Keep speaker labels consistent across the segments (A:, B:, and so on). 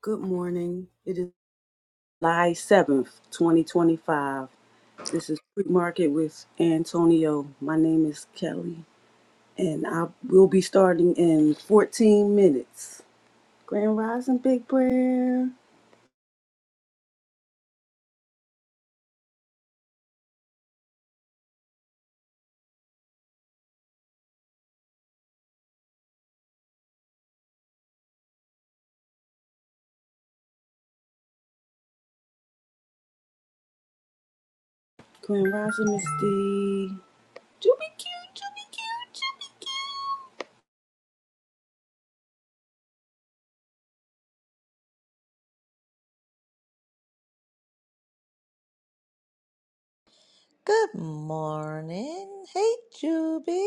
A: Good morning. It is July 7th, 2025. This is Street Market with Antonio. My name is Kelly, and I will be starting in 14 minutes. Grand Rising Big Prayer. Grand Rising Miss D. Juby cute, Juby cute, Juby cute.
B: Good morning. Hey, Juby.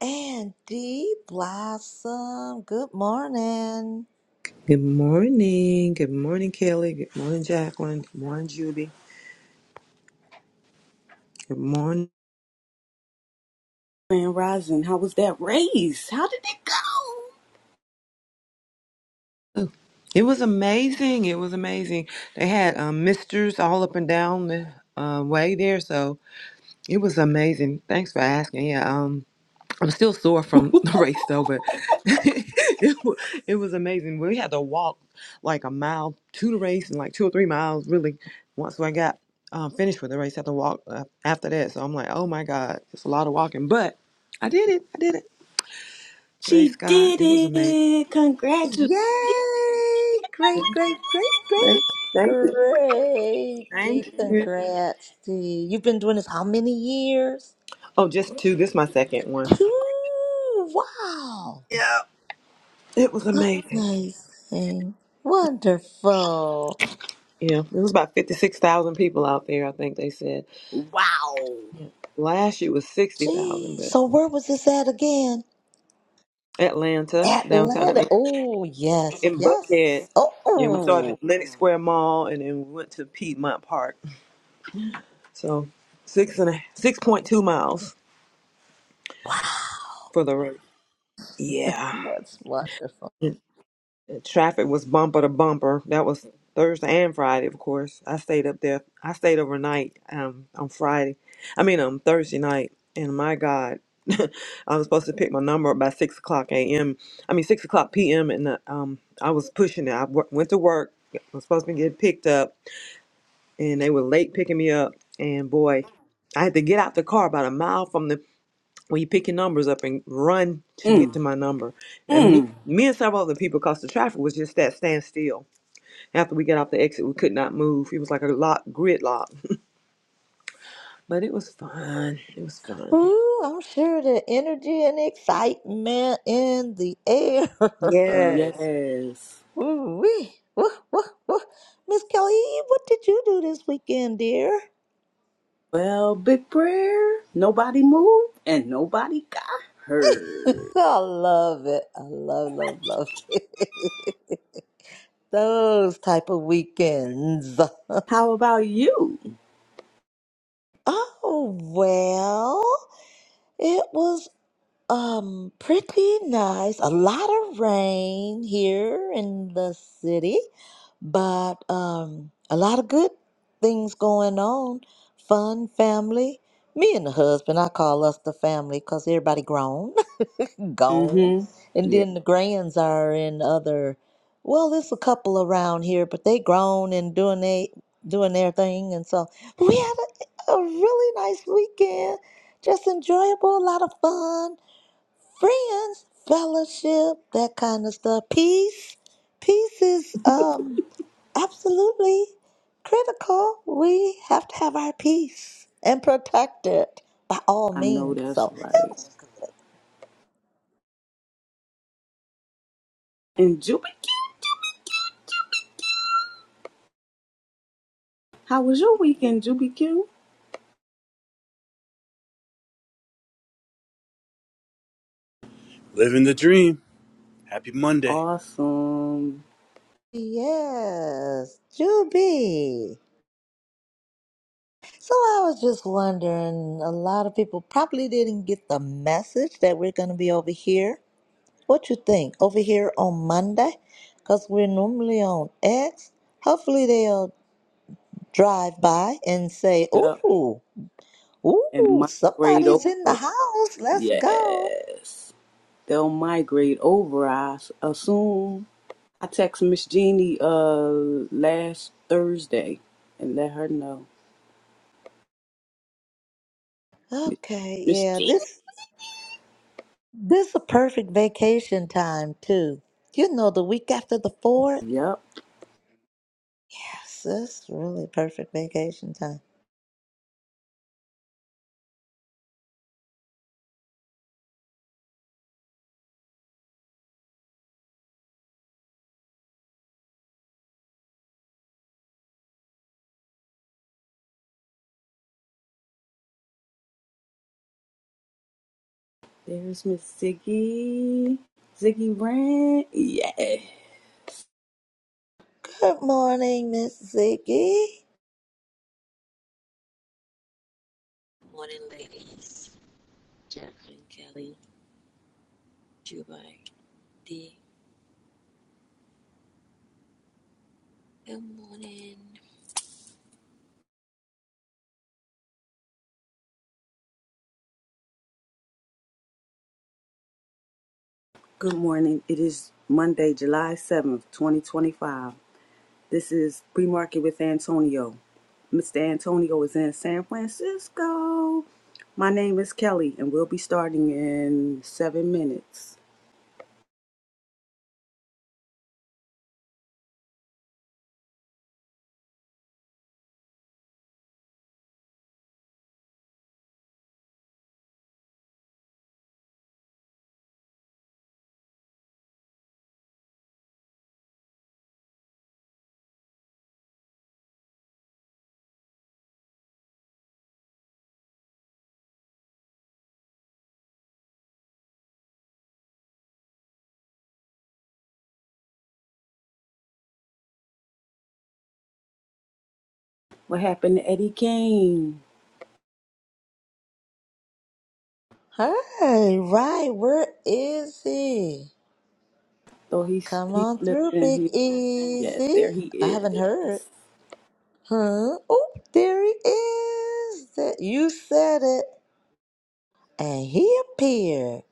B: And Dee Blossom. Good morning.
C: Good morning. Good morning, Kelly. Good morning, Jacqueline. Good morning, Juby. Good morning.
A: Grand Rising, how was that race? How did it go?
C: It was amazing. It was amazing. They had um, misters all up and down the uh, way there, so it was amazing. Thanks for asking. Yeah, um, I'm still sore from the race though, but it, wa- it was amazing. We had to walk like a mile to the race and like two or three miles really. Once I got um, finished with the race, I had to walk uh, after that. So I'm like, oh my god, it's a lot of walking, but I did it. I did it. Praise
A: She
C: God.
A: did
C: It was amazing.
A: it. Congratulations.
B: Yay! Great, great, great, great,
C: Thank, thank you.
B: great. Dee,
C: Thank you.
B: congrats, Dee. You've been doing this how many years?
C: Oh, just two. This is my second one.
B: Two. Wow.
C: Yeah. It was amazing.
B: Amazing. Wonderful.
C: Yeah. It was about 56,000 people out there, I think they said.
A: Wow.
C: Yeah. Last year was 60,000,
B: Gee,
C: but
B: so where was this at again?
C: Atlanta, downtown
B: Atlanta.
C: Atlanta,
B: Oh, yes,
C: in Buckhead.
B: yes.
C: Yeah, we started
B: Oh,
C: at Lenox Square Mall and then we went to Piedmont Park. So six and a, 6.2 miles
B: Wow,
C: for the road. Yeah.
B: That's wonderful.
C: Traffic was bumper to bumper. That was Thursday and Friday, of course. I stayed up there. I stayed overnight um, on Friday. I mean, on Thursday night. And my God, I was supposed to pick my number up by 6 o'clock a.m. I mean, 6 o'clock p.m. And uh, um, I was pushing it. I w- went to work. I was supposed to get picked up. And they were late picking me up. And boy, I had to get out the car about a mile from the when you pick your numbers up and run to get
A: Mm,
C: to my number. And me,
A: mm.
C: me and several other people, because the traffic was just that standstill. After we got off the exit, we could not move. It was like a lock, gridlock. But it was fun. It was fun.
B: Ooh, I'm sure the energy and excitement in the air.
C: Yes.
A: Yes.
B: Ooh, wee. Woo, woo, woo. Miss Kelly, what did you do this weekend, dear?
A: Well, big prayer, nobody moved and nobody got hurt.
B: I love it. I love, love, love it. Those type of weekends.
A: How about you?
B: Oh, well, it was Um, pretty nice. A lot of rain here in the city, but um, a lot of good things going on. Fun family. Me and the husband, I call us the family because everybody grown, gone.
A: Mm-hmm.
B: And
A: Yeah,
B: then the grands are in other, well, there's a couple around here, but they grown and doing they doing their thing. And so we had a, a really nice weekend. Just enjoyable, a lot of fun friends, fellowship, that kind of stuff. Peace. Peace is um absolutely critical. We have to have our peace and protect it by all
A: I know
B: means.
A: that's
B: So
A: right. And Juby Q, how was your weekend, Juby Q?
D: Living the dream. Happy Monday.
A: Awesome.
B: yes, Juby. So I was just wondering, a lot of people probably didn't get the message that we're gonna be over here. What you think? Over here on Monday? Because we're normally on X. Hopefully they'll drive by and say,
A: Yep.
B: "Ooh,
A: And
B: ooh,
A: migrate
B: somebody's in the
A: over.
B: house. Let's go."
A: Yes. They'll migrate over, I s- assume. I text Miss Jeannie uh last Thursday and let her know.
B: Okay,
A: Miss
B: yeah,
A: Jeannie?
B: this this a perfect vacation time too. You know, the week after the fourth.
A: Yep.
B: Yes, this really perfect vacation time.
A: There's Miss Ziggy. Ziggy Rand. Yeah.
B: Good morning, Miss Ziggy.
E: Morning, ladies. Jacqueline, Kelly, Dubai, D. Good morning.
A: Good morning. It is Monday, July 7th, 2025. This is Pre Market with Antonio. Mr. Antonio is in San Francisco. My name is Kelly, and we'll be starting in seven minutes. What happened to Eddie Kane?
B: Hi, right, where is he?
A: Oh, he,
B: Come
A: he
B: on
A: slipped
B: through,
A: in
B: Big
A: here. Yes,
B: Easy.
A: there he
B: I haven't
A: is.
B: heard. Huh? Oh, there he is. That you said it. And he appeared.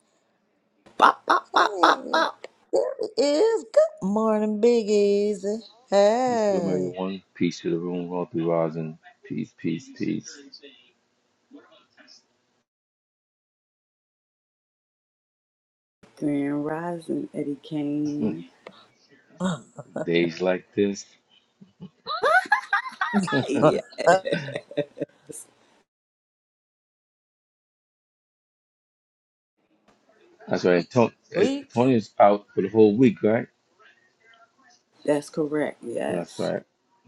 A: Bop, bop, bop,
B: Hey,
A: bop, bop.
B: there he is. Good morning, Big Easy.
F: Peace to the room,
B: Hey.
F: everyone. Peace to the room, all Wealthy Rising. Peace, peace, peace.
A: Grand Rising, Eddie Kane.
F: Days like this.
A: Yes.
F: That's right. Tony,
B: Weeks.
F: Tony's out for the whole week, right?
A: That's correct,
F: That's
A: yes.
F: right.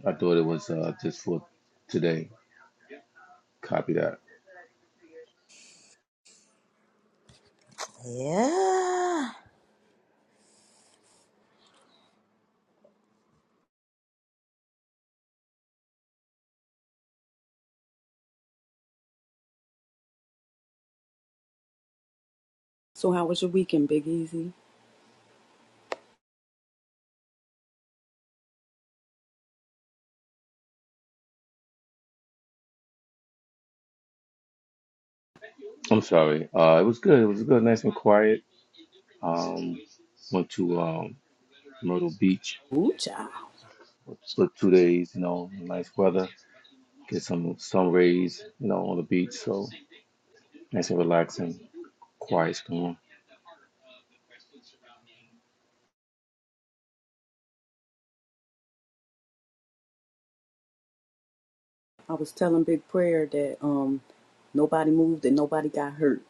F: I thought it was uh, just for today. Copy that.
B: Yeah.
A: So how was your weekend, Big Easy?
F: I'm sorry. Uh, it was good. It was good. Nice and quiet. Um, went to um, Myrtle Beach
A: Ooh, child.
F: for two days. You know, nice weather. Get some sun rays. You know, on the beach. So nice and relaxing. Quiet storm.
A: I was telling Big Prayer that um nobody moved and nobody got hurt.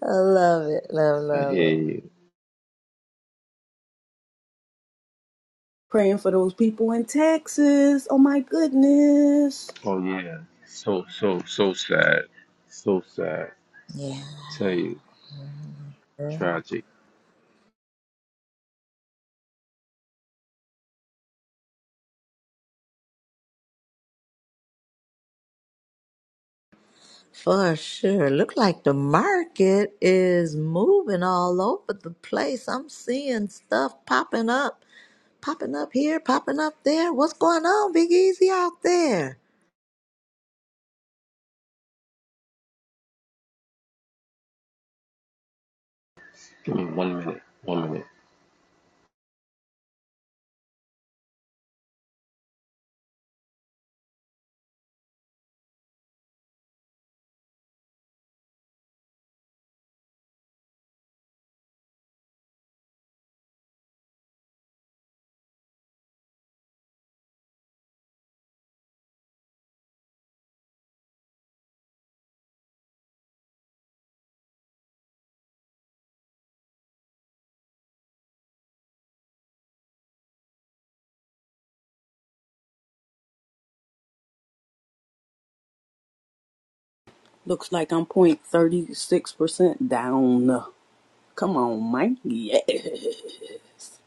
B: I love it. Love,
F: I
B: love
F: hear
B: it.
F: you.
A: Praying for those people in Texas. Oh my goodness.
F: Oh yeah, so so so sad, so sad.
B: Yeah.
F: Tell you, tragic.
B: For sure. Look like the market is moving all over the place. I'm seeing stuff popping up. Popping up here, popping up there. What's going on, Big Easy, out there?
F: Give me one minute, one minute.
A: Looks like I'm point thirty six percent down. Come on, Mike. Yes.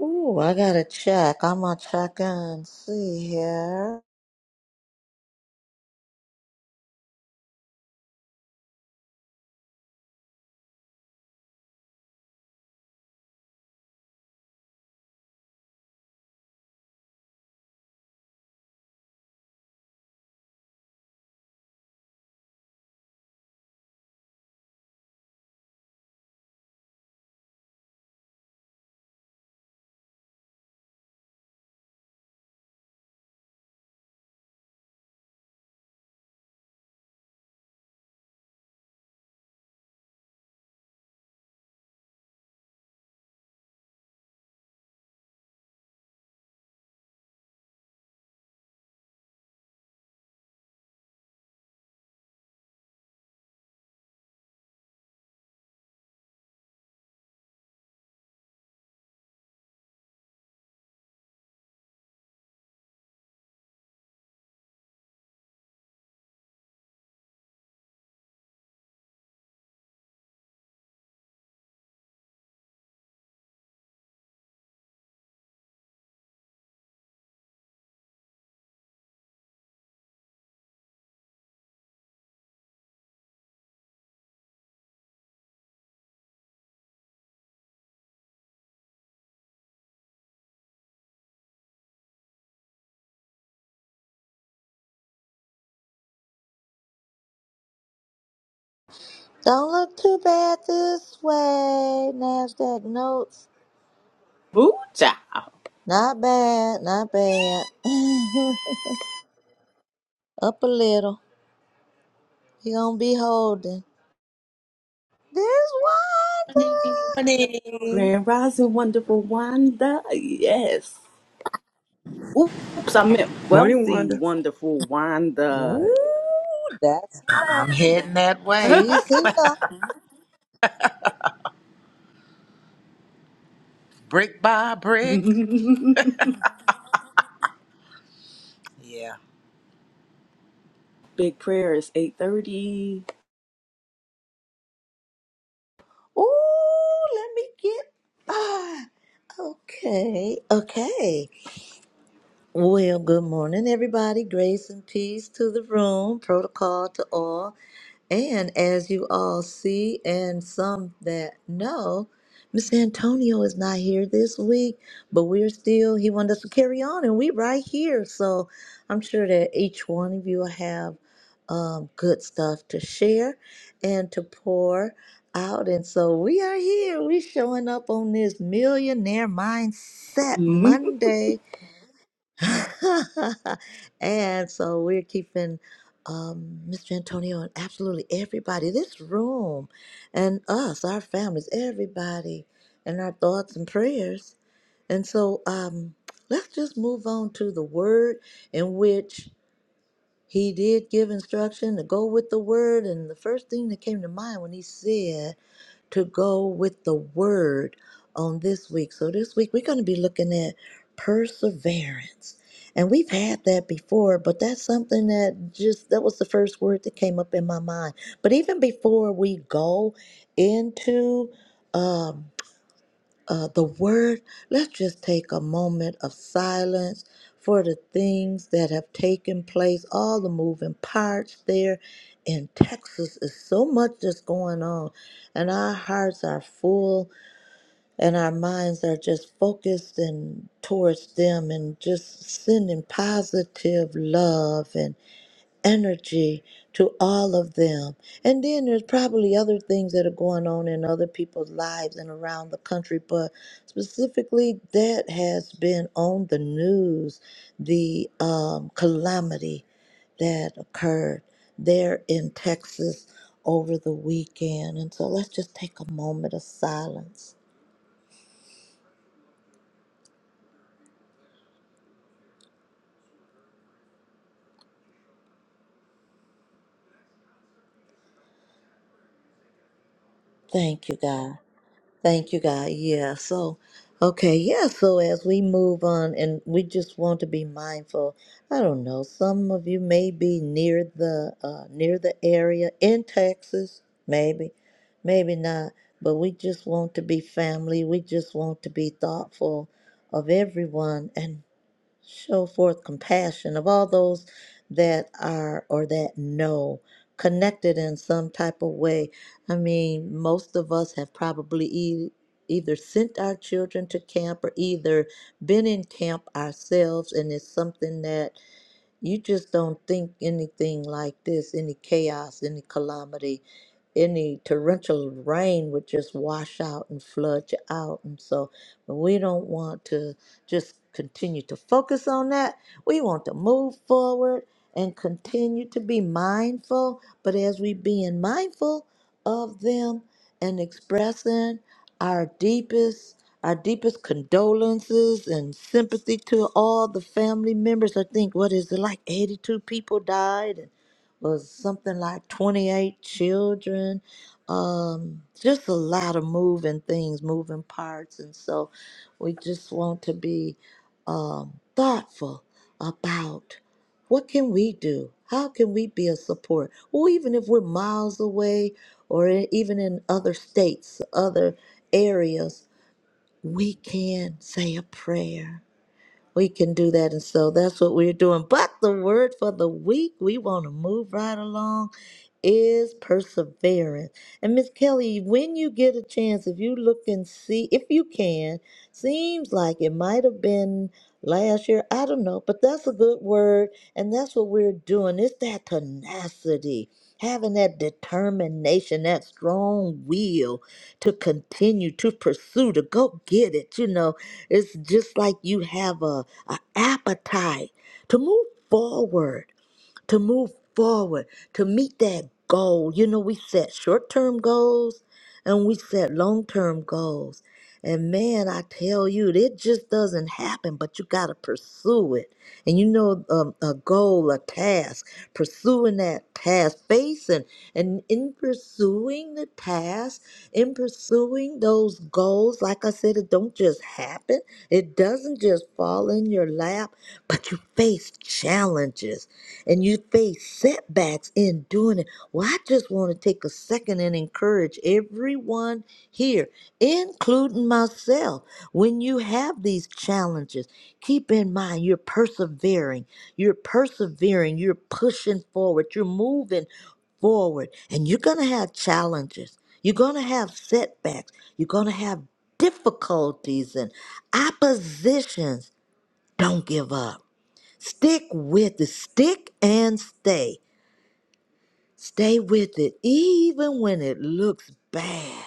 B: Ooh, I gotta check. I'm gonna check and see here. Don't look too bad this way. Nasdaq notes.
A: Ooh, child.
B: Not bad, not bad. Up a little. He gonna be holding. This
G: morning.
A: Grand Rising Wonderful Wanda. Yes. Oops, I meant
C: Morning,
A: wealthy,
C: Wanda.
A: wonderful
B: one.
A: Wanda.
B: Ooh, that's
G: I'm heading that way,
B: she's here.
G: brick by
A: Big
G: brick. Yeah.
A: prayer is 8.30.
B: Ooh, let me get ah. Okay, okay. Well, good morning, everybody. Grace and peace to the room, protocol to all. And as you all see, and some that know, Miss Antonio is not here this week, but we're still, he wanted us to carry on, and we right here. So I'm sure that each one of you will have um, good stuff to share and to pour out. And so we are here. we showing up on this Millionaire Mindset Monday. and so we're keeping um, Mr. Antonio and absolutely everybody, this room, and us, our families, everybody, and our thoughts and prayers. And so um, let's just move on to the word in which he did give instruction to go with the word. And the first thing that came to mind when he said, to go with the word on this week. So, this week we're going to be looking at perseverance. And we've had that before, but that's something that just that was the first word that came up in my mind. But even before we go into um, uh, the word, let's just take a moment of silence for the things that have taken place, all the moving parts there in Texas. Is so much that's going on, and our hearts are full, and our minds are just focused and towards them, and just sending positive love energy to all of them. And then there's probably other things that are going on in other people's lives and around the country, but specifically that has been on the news the um, calamity that occurred there in Texas over the weekend. And so let's just take a moment of silence. Thank you, God. Thank you, God. Yeah. So, okay. Yeah. So, as we move on, and we just want to be mindful. I don't know. Some of you may be near the uh, near the area in Texas, maybe, maybe not. But we just want to be family. We just want to be thoughtful of everyone. and show forth compassion of all those that are or that know connected in some type of way i mean most of us have probably e- either sent our children to camp or either been in camp ourselves and it's something that you just don't think anything like this any chaos any calamity any torrential rain would just wash out and flood you out. And so we don't want to just continue to focus on that. We want to move forward and continue to be mindful. But as we being mindful of them and expressing our deepest our deepest condolences and sympathy to all the family members. I think what is it like 82 people died was something like 28 children um just a lot of moving things moving parts and so we just want to be um thoughtful about what can we do how can we be a support well even if we're miles away or e- even in other states other areas we can say a prayer we can do that. And so that's what we're doing. But the word for the week, we want to move right along, is perseverance. And Miss Kelly, when you get a chance, if you look and see, if you can, seems like it might have been last year. I don't know, but that's a good word. And that's what we're doing. It's that tenacity, having that determination, that strong will to continue to pursue, to go get it. You know, it's just like you have a, a appetite to move forward to move forward, to meet that goal. You know, we set short term goals and we set long term goals. And man, I tell you, it just doesn't happen, but you got to pursue it. And you know, um, a goal, a task, pursuing that task, facing and in pursuing the task, in pursuing those goals, like I said, it don't just happen. It doesn't just fall in your lap, but you face challenges and you face setbacks in doing it. Well, I just want to take a second and encourage everyone here, including myself, when you have these challenges, keep in mind you're persevering, you're persevering, you're pushing forward, you're moving forward, and you're going to have challenges. You're going to have setbacks. You're going to have difficulties and oppositions. Don't give up Stick with it. Stick and stay. Stay with it, even when it looks bad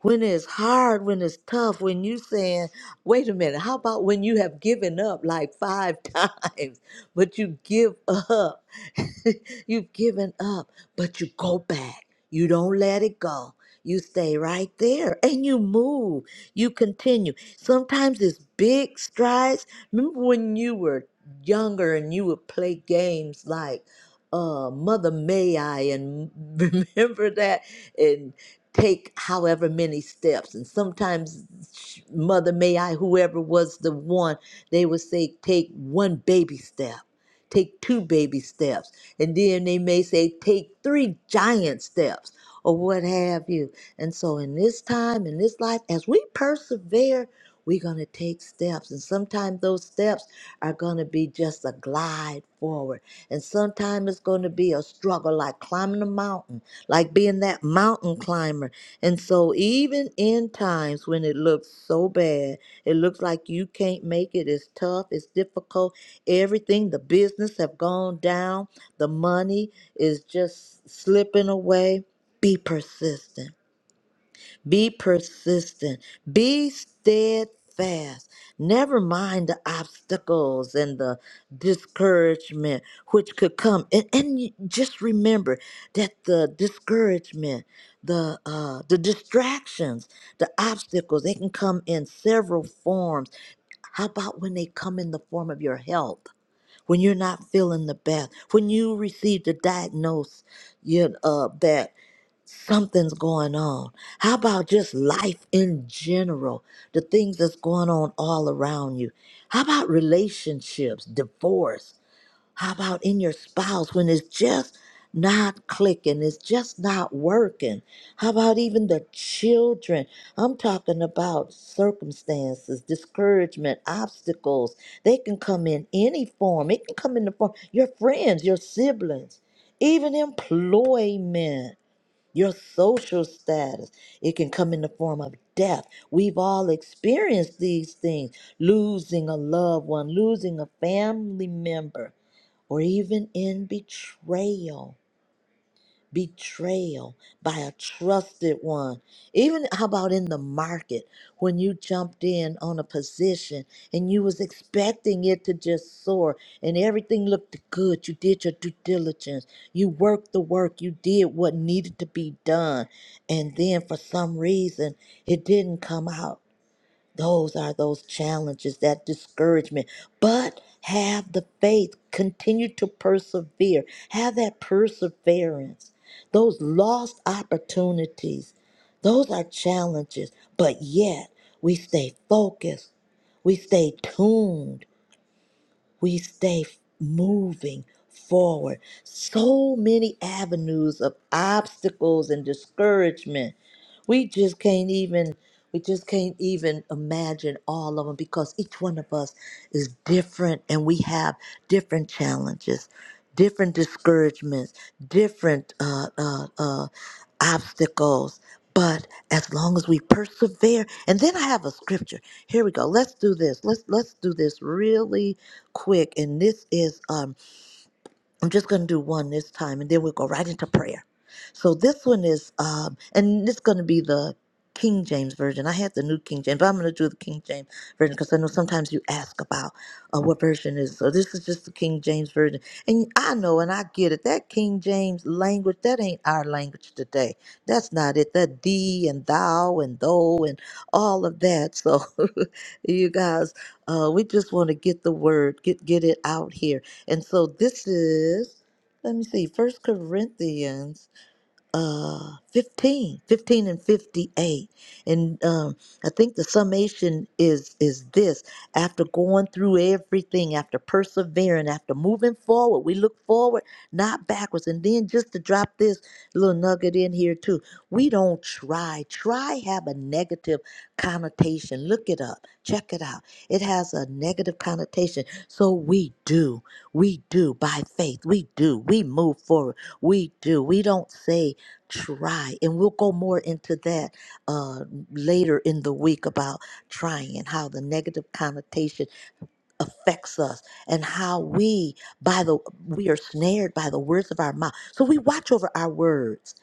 B: when it's hard, when it's tough, when you saying, wait a minute, how about when you have given up like five times, but you give up? You've given up, but you go back. You don't let it go. You stay right there and you move. You continue. Sometimes it's big strides. Remember when you were younger and you would play games like uh, Mother May I and remember that? and take however many steps and sometimes sh- mother may i whoever was the one they would say take one baby step take two baby steps and then they may say take three giant steps or what have you and so in this time in this life as we persevere we're going to take steps and sometimes those steps are going to be just a glide forward and sometimes it's going to be a struggle like climbing a mountain like being that mountain climber. And so, even in times when it looks so bad, it looks like you can't make it, it's tough, it's difficult, everything, the business have gone down, the money is just slipping away. Be persistent be persistent. Be steadfast. Never mind the obstacles and the discouragement which could come. And, and you- just remember that the discouragement, the uh, the distractions, the obstacles, they can come in several forms. How about when they come in the form of your health? When you're not feeling the best, when you receive the diagnosis you, uh, that something's going on. How about just life in general? The things that's going on all around you. How about relationships, divorce? How about in your spouse when it's just not clicking, it's just not working? How about even the children? I'm talking about circumstances, discouragement, obstacles. They can come in any form. It can come in the form your friends, your siblings, even employment your social status. It can come in the form of death. We've all experienced these things losing a loved one, losing a family member, or even in betrayal betrayal by a trusted one. Even how about in the market when you jumped in on a position and you was expecting it to just soar and everything looked good. You did your due diligence. You worked the work. You did what needed to be done. And then for some reason it didn't come out. Those are those challenges, that discouragement. But have the faith, continue to persevere, have that perseverance. Those lost opportunities, those are challenges, but yet we stay focused, we stay tuned, we stay moving forward. So many avenues of obstacles and discouragement. We just can't even we just can't even imagine all of them because each one of us is different and we have different challenges, different discouragements, different uh, uh, uh, obstacles. But as long as we persevere, and then I have a scripture. Here we go. Let's do this. Let's let's do this really quick. And this is um I'm just going to do one this time, and then we'll go right into prayer. So this one is, um, and it's going to be the King James version. I had the New King James, but I'm going to do the King James version because I know sometimes you ask about uh, what version is. So this is just the King James version, and I know and I get it. That King James language, that ain't our language today. That's not it. That thee and thou and thou and all of that. So you guys, uh, we just want to get the word, get get it out here and so this is, let me see, First Corinthians uh 15, 15, and 58 and um i think the summation is is this after going through everything after persevering after moving forward we look forward not backwards and then just to drop this little nugget in here too we don't try try have a negative connotation look it up check it out it has a negative connotation so we do we do by faith we do we move forward we do we don't say try and we'll go more into that uh, later in the week about trying and how the negative connotation affects us and how we by the we are snared by the words of our mouth so we watch over our words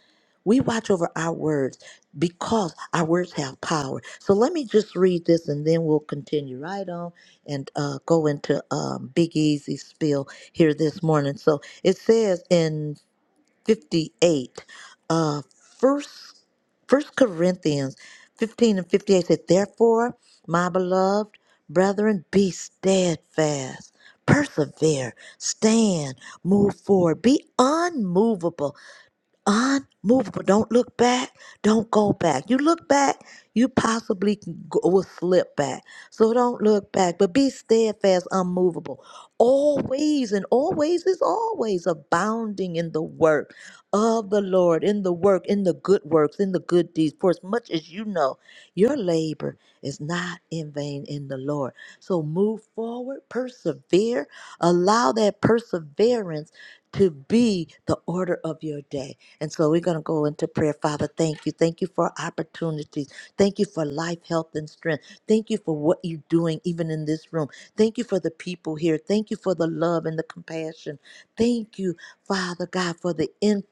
B: we watch over our words because our words have power so let me just read this and then we'll continue right on and uh, go into um, big easy spill here this morning so it says in 58 uh first first corinthians 15 and 58 said therefore my beloved brethren be steadfast persevere stand move forward be unmovable unmovable. Don't look back. Don't go back. You look back, you possibly can go, will slip back. So don't look back, but be steadfast, unmovable. Always and always is always abounding in the work of the Lord, in the work, in the good works, in the good deeds. For as much as you know, your labor is not in vain in the Lord. So move forward, persevere, allow that perseverance to be the order of your day and so we're going to go into prayer. Father, thank you. Thank you for opportunities. Thank you for life, health, and strength. Thank you for what you're doing, even in this room. Thank you for the people here. Thank you for the love and the compassion. Thank you, Father God, for the intellect,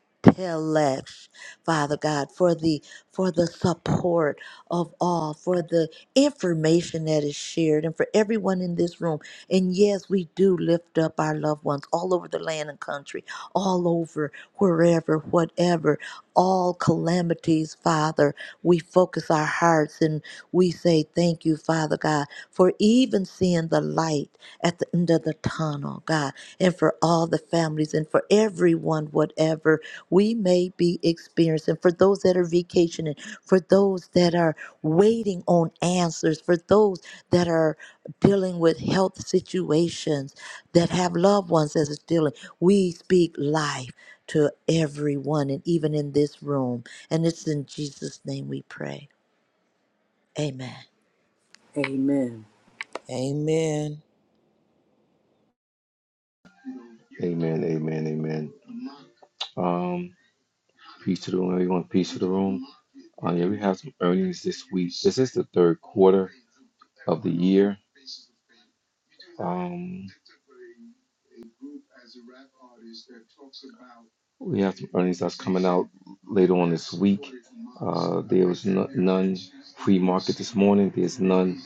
B: Father God, for the for the support of all, for the information that is shared, and for everyone in this room. And yes, we do lift up our loved ones all over the land and country all over, wherever, whatever, all calamities, Father. We focus our hearts and we say, Thank you, Father God, for even seeing the light at the end of the tunnel, God, and for all the families and for everyone, whatever we may be experiencing, for those that are vacationing, for those that are waiting on answers, for those that are dealing with health situations, that have loved ones that is dealing. We speak life to everyone, and even in this room. And it's in Jesus' name we pray. Amen.
A: Amen.
G: Amen.
F: Amen, amen, amen. Um, peace to the room, everyone. Peace to the room. Uh, yeah, we have some earnings this week. This is the third quarter of the year. Um, we have some earnings that's coming out later on this week. Uh, there was no, none pre-market this morning. There's none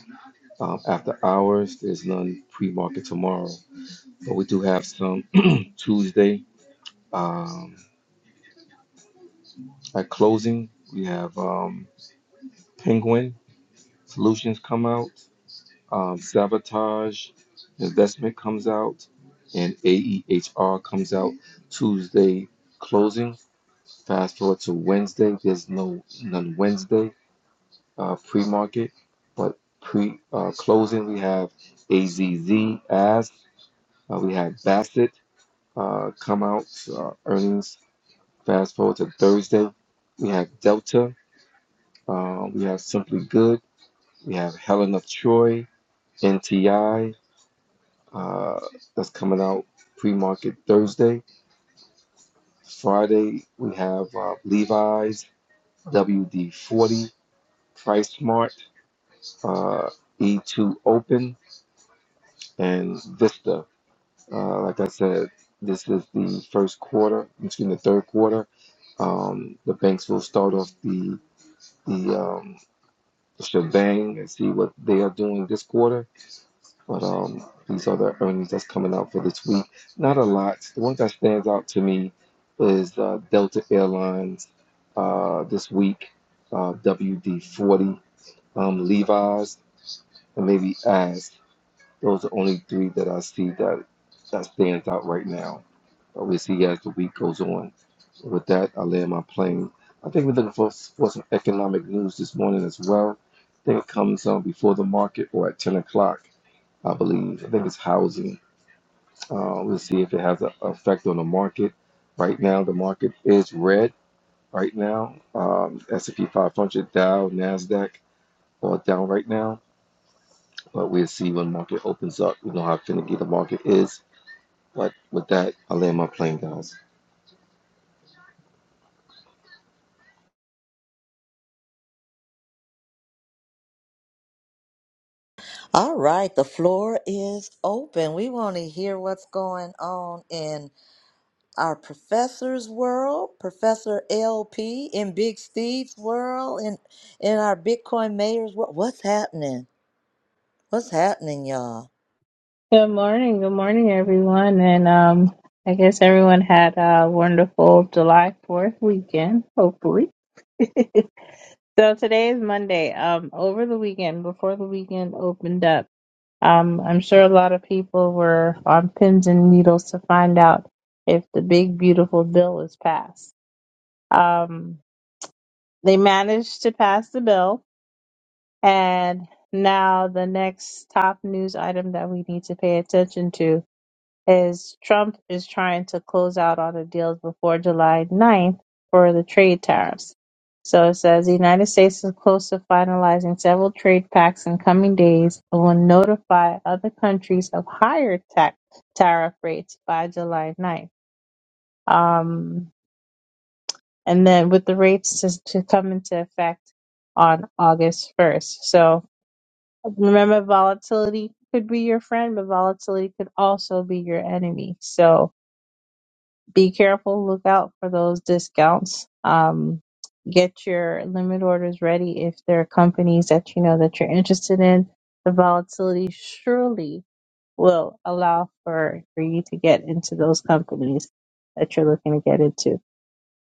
F: um, after hours. There's none pre-market tomorrow. but we do have some Tuesday. Um, at closing, we have um, Penguin Solutions come out, um, Sabotage Investment comes out, and AEHR comes out Tuesday closing. Fast forward to Wednesday, there's no none Wednesday uh, pre market, but pre uh, closing we have AZZ as uh, we have Bassett uh, come out uh, earnings Fast forward to Thursday, we have Delta, uh, we have Simply Good, we have Helen of Troy, NTI, uh, that's coming out pre market Thursday. Friday, we have uh, Levi's, WD 40, Price Smart, uh, E2 Open, and Vista. Uh, like I said, this is the first quarter, excuse me, the third quarter. Um, the banks will start off the the um, shebang and see what they are doing this quarter. But um, these are the earnings that's coming out for this week. Not a lot. The one that stands out to me is uh, Delta Airlines uh, this week, uh, WD 40, um, Levi's, and maybe As. Those are only three that I see that that stands out right now. But we'll see as the week goes on. So With that, I land my plane. I think we're looking for, for some economic news this morning as well. I think it comes on before the market or at 10 o'clock, I believe. I think it's housing. Uh, we'll see if it has an effect on the market. Right now, the market is red. Right now, um, S&P 500, Dow, Nasdaq, all down right now. But we'll see when the market opens up. We know how finicky the market is. But with that, I land my plane, guys.
B: All right, the floor is open. We want to hear what's going on in our professor's world, Professor LP, in Big Steve's world, in in our Bitcoin mayor's world. What's happening? What's happening, y'all?
H: Good morning, good morning, everyone, and um, I guess everyone had a wonderful July Fourth weekend, hopefully. so today is Monday. Um, over the weekend, before the weekend opened up, um, I'm sure a lot of people were on pins and needles to find out if the big beautiful bill was passed. Um, they managed to pass the bill, and now the next top news item that we need to pay attention to as Trump is trying to close out all the deals before July 9th for the trade tariffs. So it says the United States is close to finalizing several trade pacts in coming days and will notify other countries of higher tax tariff rates by July 9th. Um, and then with the rates to, to come into effect on August 1st. So remember, volatility could be your friend, but volatility could also be your enemy. So be careful. Look out for those discounts. Um, get your limit orders ready if there are companies that you know that you're interested in. The volatility surely will allow for for you to get into those companies that you're looking to get into.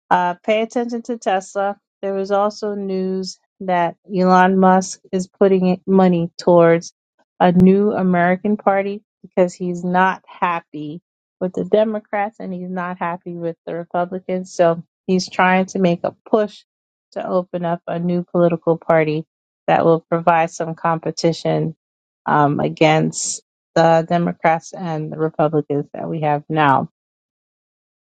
H: Uh, pay attention to Tesla. There is also news that Elon Musk is putting it- money towards a new American party because he's not happy with the Democrats and he's not happy with the Republicans. So he's trying to make a push to open up a new political party that will provide some competition um, against the Democrats and the Republicans that we have now.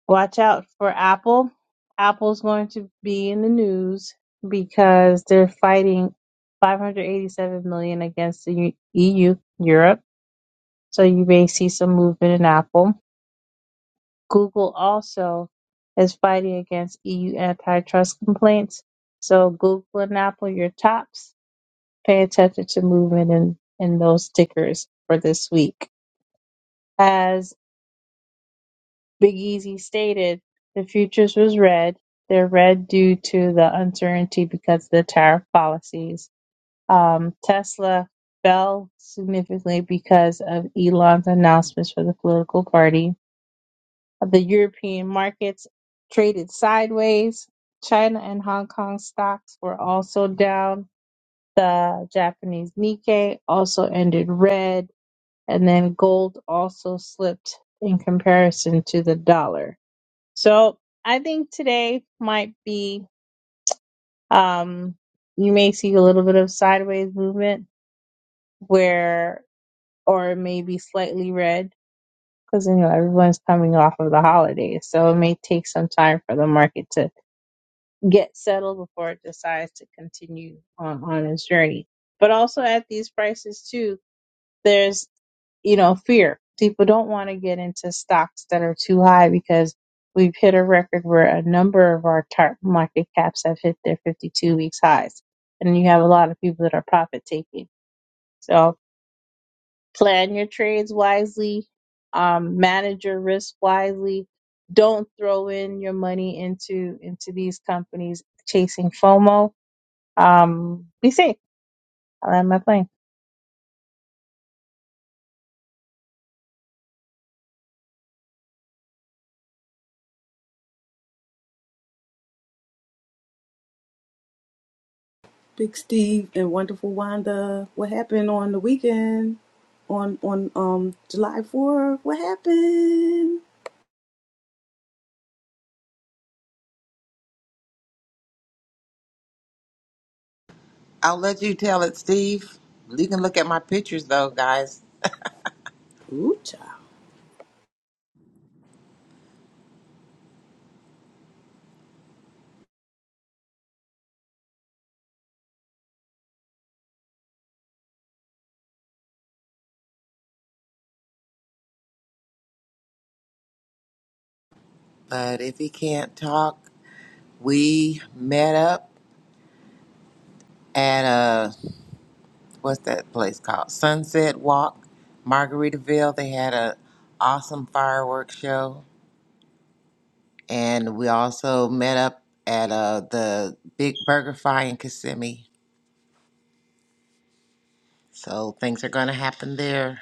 H: Watch out for Apple. Apple's going to be in the news because they're fighting 587 million against the EU, Europe. So you may see some movement in Apple. Google also is fighting against EU antitrust complaints. So Google and Apple, your tops. Pay attention to movement in, in those tickers for this week. As Big Easy stated the futures was red. They're red due to the uncertainty because of the tariff policies. Um, Tesla fell significantly because of Elon's announcements for the political party. Uh, The European markets traded sideways. China and Hong Kong stocks were also down. The Japanese Nikkei also ended red, and then gold also slipped in comparison to the dollar so I think today might be um you may see a little bit of sideways movement where or maybe slightly red because you know everyone's coming off of the holidays. So it may take some time for the market to get settled before it decides to continue on, on its journey. But also at these prices too, there's. you know, fear. People don't want to get into stocks that are too high because we've hit a record where a number of our target market caps have hit their 52 weeks highs. And you have a lot of people that are profit taking. So plan your trades wisely, um, manage your risk wisely. Don't throw in your money into into these companies chasing FOMO. Um, be safe. I will land my plane.
A: Big Steve and wonderful Wanda, what happened on the weekend? On on um July 4th, what happened?
G: I'll let you tell it, Steve. You can look at my pictures, though, guys.
A: Ooh, child. I
G: But if he can't talk, we met up at uh what's that place called? Sunset Walk, Margaritaville. They had a awesome fireworks show, and we also met up at uh the Big Burger Fry in Kissimmee. So things are gonna happen there.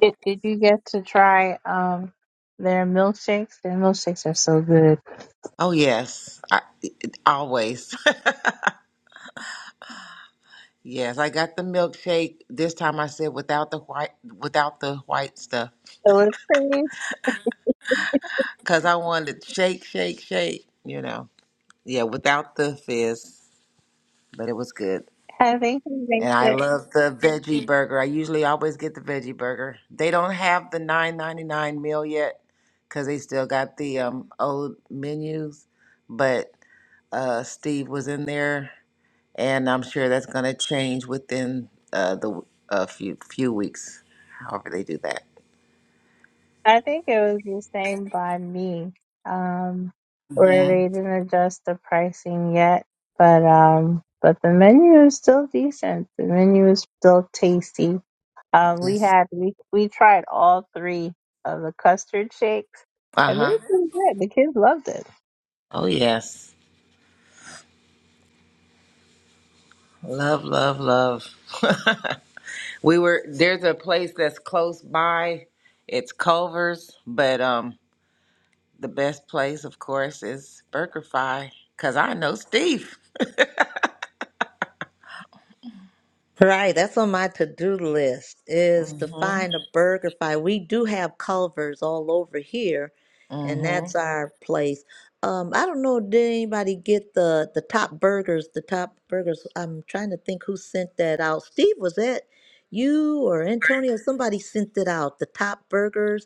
H: Did, did you get to try um their milkshakes? Their milkshakes are so good.
G: Oh yes, I, always. yes, I got the milkshake. This time I said without the white, without the white stuff,
H: It was pretty.
G: because I wanted shake, shake, shake. You know, yeah, without the fizz, but it was good.
H: I think he
G: And
H: makes
G: I
H: it.
G: love the veggie burger. I usually always get the veggie burger. They don't have the nine ninety nine meal yet, because they still got the um, old menus. But uh, Steve was in there and I'm sure that's going to change within uh, the a few few weeks, however they do that.
H: I think it was the same by me. Um, where
G: hmm
H: they didn't adjust the pricing yet, but um, but the menu is still decent. The menu is still tasty. Um, we
G: Yes.
H: had we we tried all three of the custard shakes,
G: Uh
H: and they
G: huh.
H: were pretty good. The kids loved it.
G: Oh yes. Love, love, love. we were there's a place that's close by. It's Culver's, but um, the best place, of course, is BurgerFi because I know Steve.
B: Right, that's on my to-do list is to
G: Mm-hmm.
B: find a burger fight. We do have Culvers all over here, and
G: Mm-hmm.
B: that's our place. Um, I don't know, did anybody get the the top burgers? The top burgers. I'm trying to think who sent that out. Steve, was that you or Antonio? Somebody sent it out. The top burgers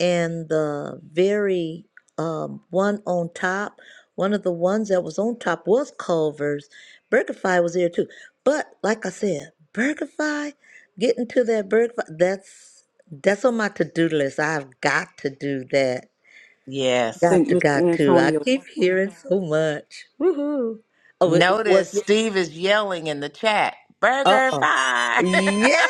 B: and the very um one on top. One of the ones that was on top was Culver's. BurgerFi was there too. But like I said, Burgerfi, getting to that BurgerFi, that's that's on my to-do list. I've got to do that.
G: Yes.
B: Got
A: think
B: to,
A: Mr.
B: got to. I
A: Antonio.
B: keep hearing so much. Woohoo! Oh, it was.
G: Notice Steve is yelling in the chat. BurgerFi.
B: Uh-uh. Yes,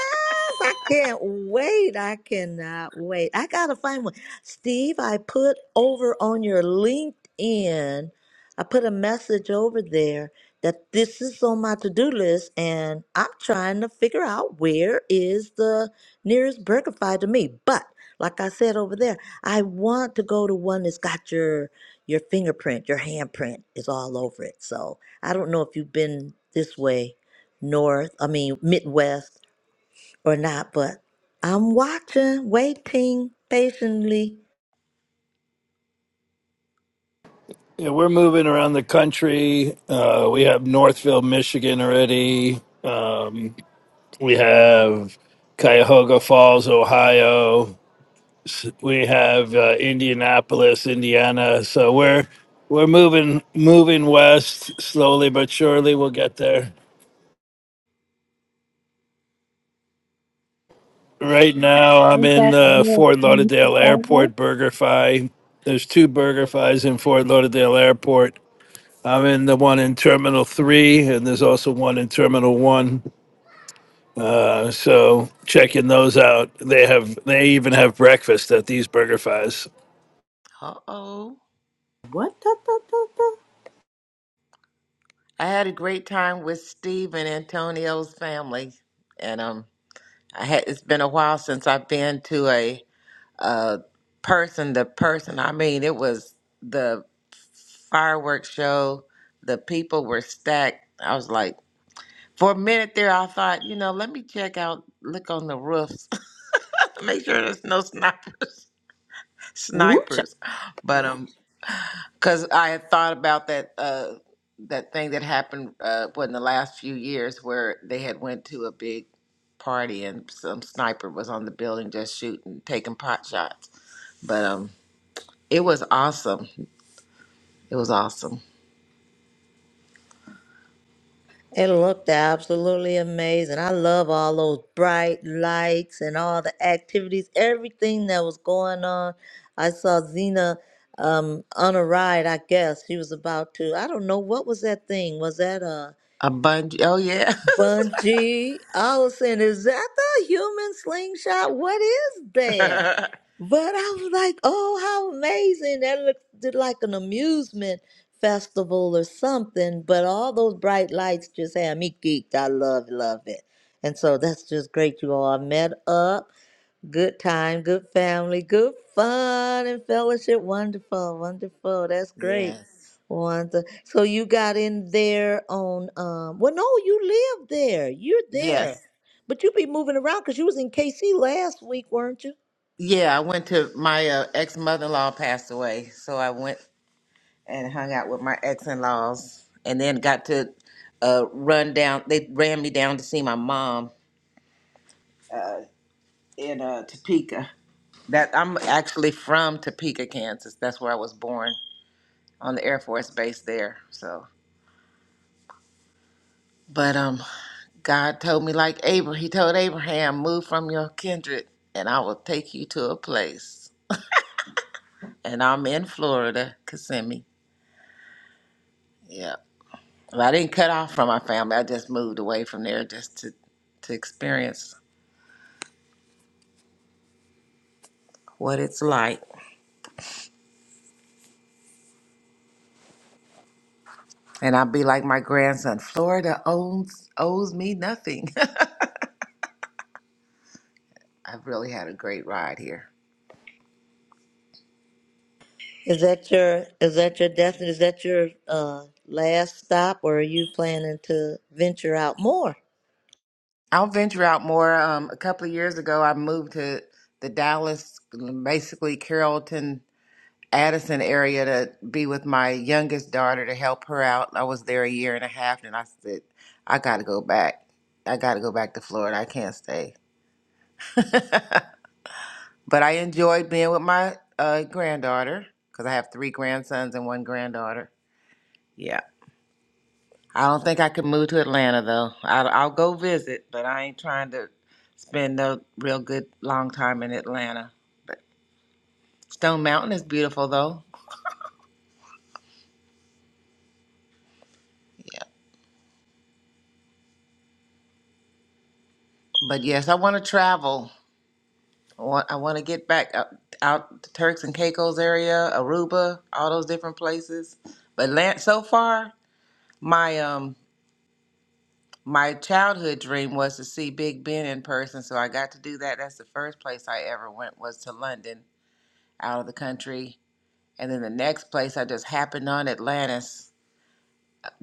B: I can't wait. I cannot wait. I gotta find one. Steve, I put over on your LinkedIn, I put a message over there that this is on my to-do list and I'm trying to figure out where is the nearest BurgerFi to me. But like I said over there, I want to go to one that's got your your fingerprint, your handprint is all over it. So I don't know if you've been this way North, I mean, Midwest or not, but I'm watching, waiting patiently.
I: Yeah, we're moving around the country. Uh, we have Northville, Michigan already. Um, we have Cuyahoga Falls, Ohio. S- We have uh, Indianapolis, Indiana. So we're we're moving moving west slowly but surely. We'll get there. Right now, I'm
H: Is
I: in
H: that the
I: the
H: one that's
I: Fort
H: in
I: Lauderdale
H: Chicago?
I: Airport BurgerFi. There's two BurgerFis in Fort Lauderdale Airport. I'm in the one in Terminal Three, and there's also one in Terminal One. Uh, so checking those out. They have they even have breakfast at these BurgerFi's.
G: uh oh.
A: What the the the
G: I had a great time with Steve and Antonio's family, and um, I had it's been a while since I've been to a uh person to person. I mean, it was the fireworks show. The people were stacked. I was like, for a minute there, I thought, you know, let me check out, look on the roofs, make sure there's no snipers,
A: the? Ooh, child.
G: snipers. But um, because I had thought about that uh, that thing that happened uh, what, in the last few years where they had went to a big party and some sniper was on the building just shooting, taking pot shots. But um, it was awesome. It was awesome.
B: It looked absolutely amazing. I love all those bright lights and all the activities, everything that was going on. I saw Xena um, on a ride, I guess. She was about to, I don't know, what was that thing? Was that a
G: A bungee. Oh yeah.
B: bungee? I was saying, is that the human slingshot? What is that? But I was like, oh, how amazing. That looked did like an amusement festival or something. But all those bright lights just had me geeked. I love, love it. And so that's just great, you all. Met up, good time, good family, good fun and fellowship. Wonderful, wonderful. That's great.
G: yes.
B: Wonderful. So you got in there on, um, well, no, you live there. You're
G: Yes.
B: there. But you be moving around because you was in KC last week, weren't you?
G: Yeah, I went to my uh, ex mother in law passed away, so I went and hung out with my ex in laws, and then got to uh, run down. They ran me down to see my mom in uh, Topeka. That I'm actually from Topeka, Kansas. That's where I was born on the Air Force Base there. So, but um, God told me like Abraham. He told Abraham, "Move from your kindred, and I will take you to a place." And I'm in Florida, Kissimmee. Yeah. Well, I didn't cut off from my family. I just moved away from there just to to experience what it's like. And I'll be like my grandson, Florida owns owes me nothing. I've really had a great ride here.
B: Is that your is that your destiny? Is that your uh last stop or are you planning to venture out more?
G: I'll venture out more. Um, a couple of years ago, I moved to the Dallas, basically Carrollton, Addison area to be with my youngest daughter to help her out. I was there a year and a half, and I said, I got to go back. I got to go back to Florida. I can't stay. But I enjoyed being with my uh, granddaughter because I have three grandsons and one granddaughter. Yeah. I don't think I could move to Atlanta though. I, I'll go visit, but I ain't trying to spend a real good long time in Atlanta. But Stone Mountain is beautiful though. Yeah. But yes, I want to travel. I want, I want to get back out, out to Turks and Caicos area, Aruba, all those different places. But land, so far, my um my childhood dream was to see Big Ben in person, so I got to do that. That's the first place I ever went was to London, out of the country And then the next place I just happened on Atlantis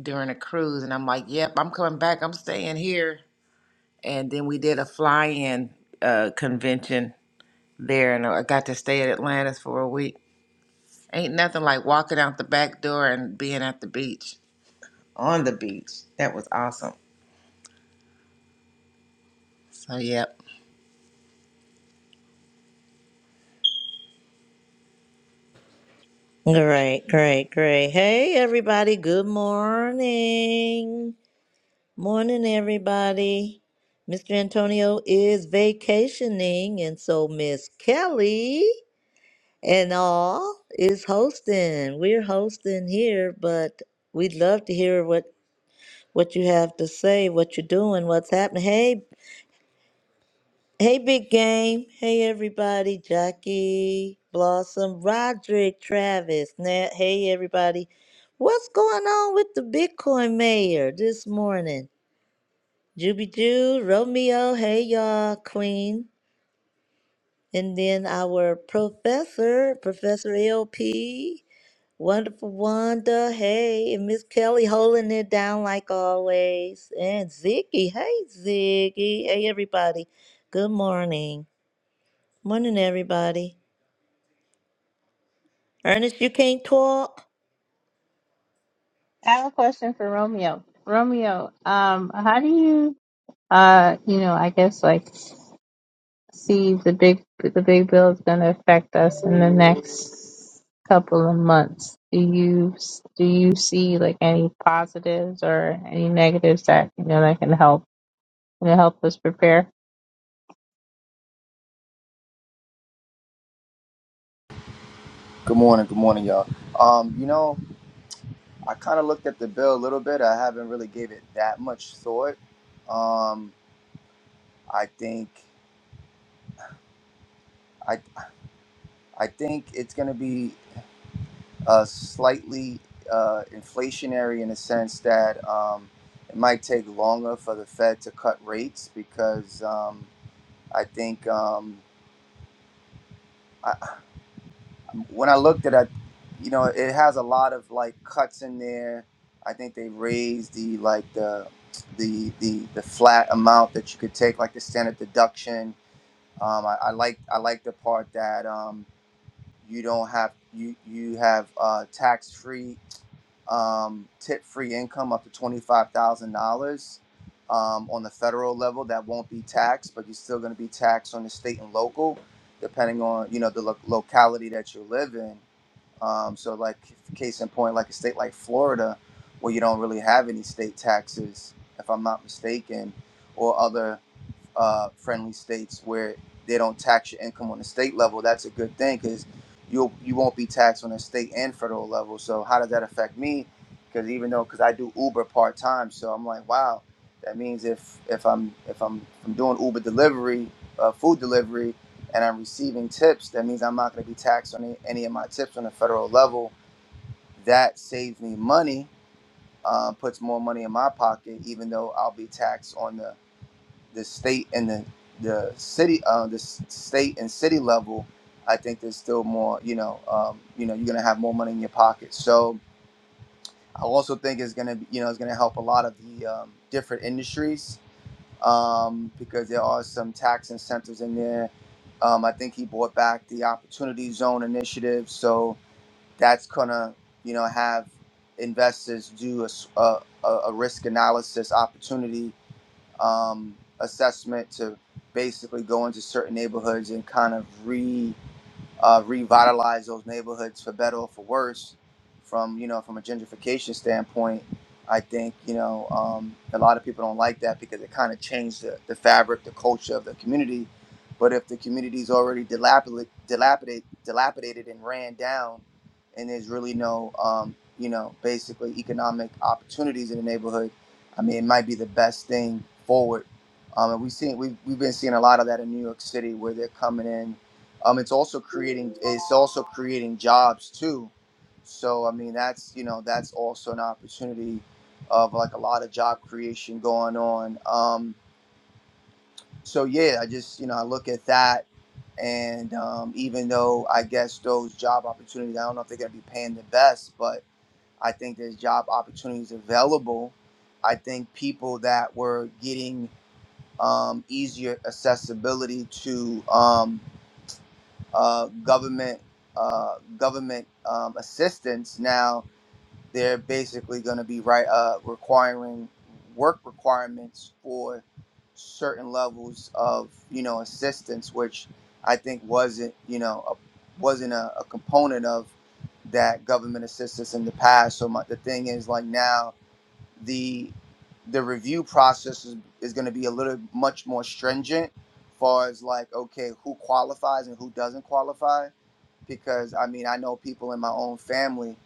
G: during a cruise. And I'm like, yep, I'm coming back. I'm staying here. And then we did a fly in uh, convention there. And I got to stay at Atlantis for a week. Ain't nothing like walking out the back door and being at the beach, on the beach. That was awesome. So, yep.
B: Great, great, great. Hey everybody, good morning. Morning everybody. Mr. Antonio is vacationing and so Miss Kelly and all is hosting. We're hosting here, but we'd love to hear what what you have to say, what you're doing, what's happening. Hey Hey, Big Game. Hey, everybody. Jackie, Blossom, Roderick, Travis, Nat. Hey, everybody. What's going on with the Bitcoin mayor this morning? Juby Jew, Romeo. Hey, y'all. Queen. And then our professor, Professor LP. Wonderful Wanda. Hey, and Miss Kelly holding it down like always. And Ziggy. Hey, Ziggy. Hey, everybody. Good morning. Morning, everybody. Ernest, you can't talk.
H: I have a question for Romeo. Romeo, um, how do you, uh, you know, I guess like see the big the big bill is going to affect us in the next couple of months? Do you do you see like any positives or any negatives that you know that can help you know, help us prepare?
J: Good morning, good morning, y'all. Um, you know, I kind of looked at the bill a little bit. I haven't really gave it that much thought. Um, I think, I, I think it's going to be uh, slightly uh, inflationary in the sense that um, it might take longer for the Fed to cut rates because um, I think. Um, when I looked at it, you know, it has a lot of like cuts in there. I think they raised the like the the the the flat amount that you could take, like the standard deduction. Um, I, I like I like the part that um, you don't have you you have uh, tax free um, tip free income up to twenty five thousand dollars um, on the federal level that won't be taxed, but you're still going to be taxed on the state and local, depending on you know the lo- locality that you live in. Um, so, like, case in point, like a state like Florida, where you don't really have any state taxes, if I'm not mistaken, or other uh, friendly states where they don't tax your income on the state level, that's a good thing because you you won't be taxed on the state and federal level. So how does that affect me? Because even though because I do Uber part time, so I'm like, wow, that means if if I'm if I'm, if I'm doing Uber delivery, uh, food delivery, and I'm receiving tips, that means I'm not going to be taxed on any, any of my tips on the federal level. That saves me money, uh, puts more money in my pocket, even though I'll be taxed on the the state and the the city, uh, the s- state and city level, I think there's still more. You know, um, you know, you're gonna have more money in your pocket. So I also think it's gonna, be, you know, it's gonna help a lot of the um, different industries um, because there are some tax incentives in there. Um, I think he brought back the Opportunity Zone initiative, so that's gonna, you know, have investors do a, s- a, a a risk analysis opportunity um, assessment to basically go into certain neighborhoods and kind of re uh, revitalize those neighborhoods for better or for worse. From you know, from a gentrification standpoint, I think you know um, a lot of people don't like that because it kind of changed the, the fabric, the culture of the community. But if the community is already dilapidate, dilapidated, dilapidated and ran down, and there's really no um, you know basically economic opportunities in the neighborhood, I mean, it might be the best thing forward. Um, and we've seen we've, we've been seeing a lot of that in New York City where they're coming in um, it's also creating it's also creating jobs too. So I mean that's you know that's also an opportunity of like a lot of job creation going on. Um, so yeah, I just you know I look at that, and um, even though I guess those job opportunities, I don't know if they're going to be paying the best, but I think there's job opportunities available. I think people that were getting um, easier accessibility to. Um, uh, government uh, government um, assistance. Now they're basically going to be right uh, requiring work requirements for certain levels of you know assistance, which I think wasn't you know a, wasn't a, a component of that government assistance in the past. So my, the thing is like now the the review process is, is going to be a little much more stringent far as like okay who qualifies and who doesn't qualify because I mean, I know people in my own family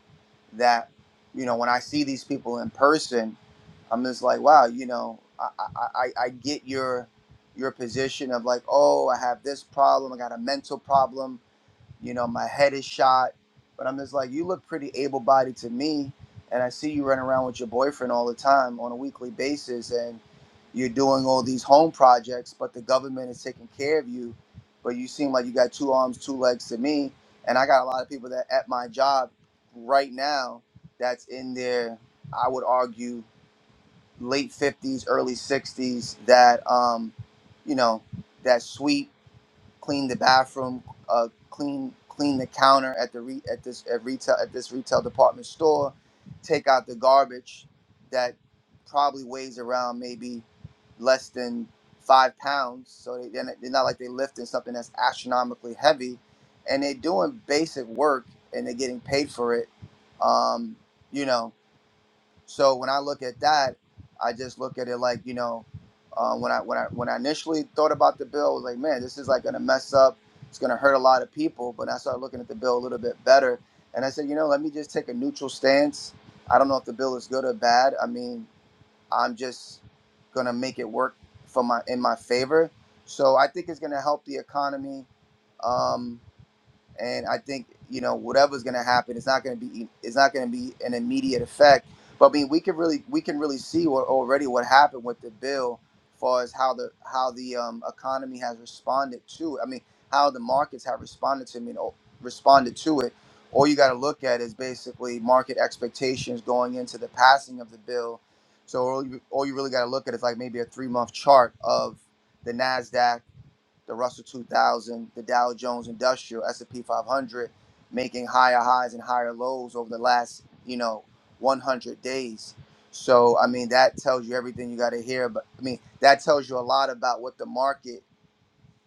J: that, you know, when I see these people in person, I'm just like, wow, you know, I, I, I I get your your position of like, oh, I have this problem, I got a mental problem, you know, my head is shot. But I'm just like, you look pretty able bodied to me. And I see you running around with your boyfriend all the time on a weekly basis. And you're doing all these home projects, but the government is taking care of you. But you seem like you got two arms, two legs to me. And I got a lot of people that at my job right now that's in their, I would argue, late 50s, early 60s that, um, you know, that sweet clean the bathroom, uh, clean clean the counter at the re- at this at retail at this retail department store, take out the garbage that probably weighs around maybe less than five pounds. So they, they're not they're not like they're lifting something that's astronomically heavy, and they're doing basic work and they're getting paid for it. Um, you know. So when I look at that, I just look at it like you know, um, when I when I when I initially thought about the bill, I was like, man, this is like gonna mess up. It's gonna hurt a lot of people. But I started looking at the bill a little bit better, and I said, you know, let me just take a neutral stance. I don't know if the bill is good or bad. I mean, I'm just gonna make it work for my in my favor. So I think it's gonna help the economy. Um, and I think you know whatever's going to happen, it's not going to be it's not going to be an immediate effect. But I mean, we can really we can really see what, already what happened with the bill, as far as how the how the um, economy has responded to it. I mean, how the markets have responded to me responded to it. All you got to look at is basically market expectations going into the passing of the bill. So all you, all you really got to look at is like maybe a three month chart of the Nasdaq the Russell 2000, the Dow Jones Industrial, S&P 500, making higher highs and higher lows over the last, you know, 100 days. So, I mean, that tells you everything you got to hear. But I mean, that tells you a lot about what the market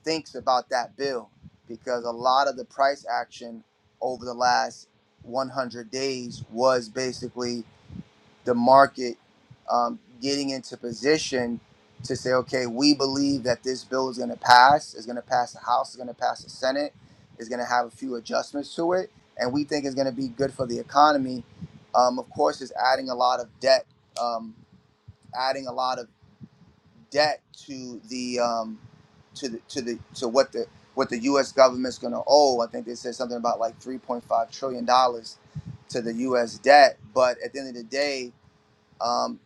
J: thinks about that bill, because a lot of the price action over the last 100 days was basically the market um, getting into position to say, okay, we believe that this bill is going to pass, is going to pass the House, is going to pass the Senate, is going to have a few adjustments to it, and we think it's going to be good for the economy. Um, of course, is adding a lot of debt, um, adding a lot of debt to the um, to the to the to what the what the U.S. government's going to owe. I think they said something about like 3.5 trillion dollars to the U.S. debt, but at the end of the day um,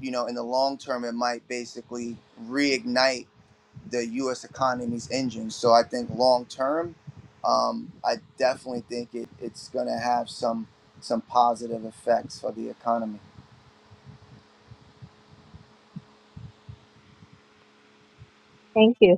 J: you know, in the long term, it might basically reignite the U.S. economy's engine. So I think long term, um, I definitely think it, it's going to have some some positive effects for the economy.
H: Thank you.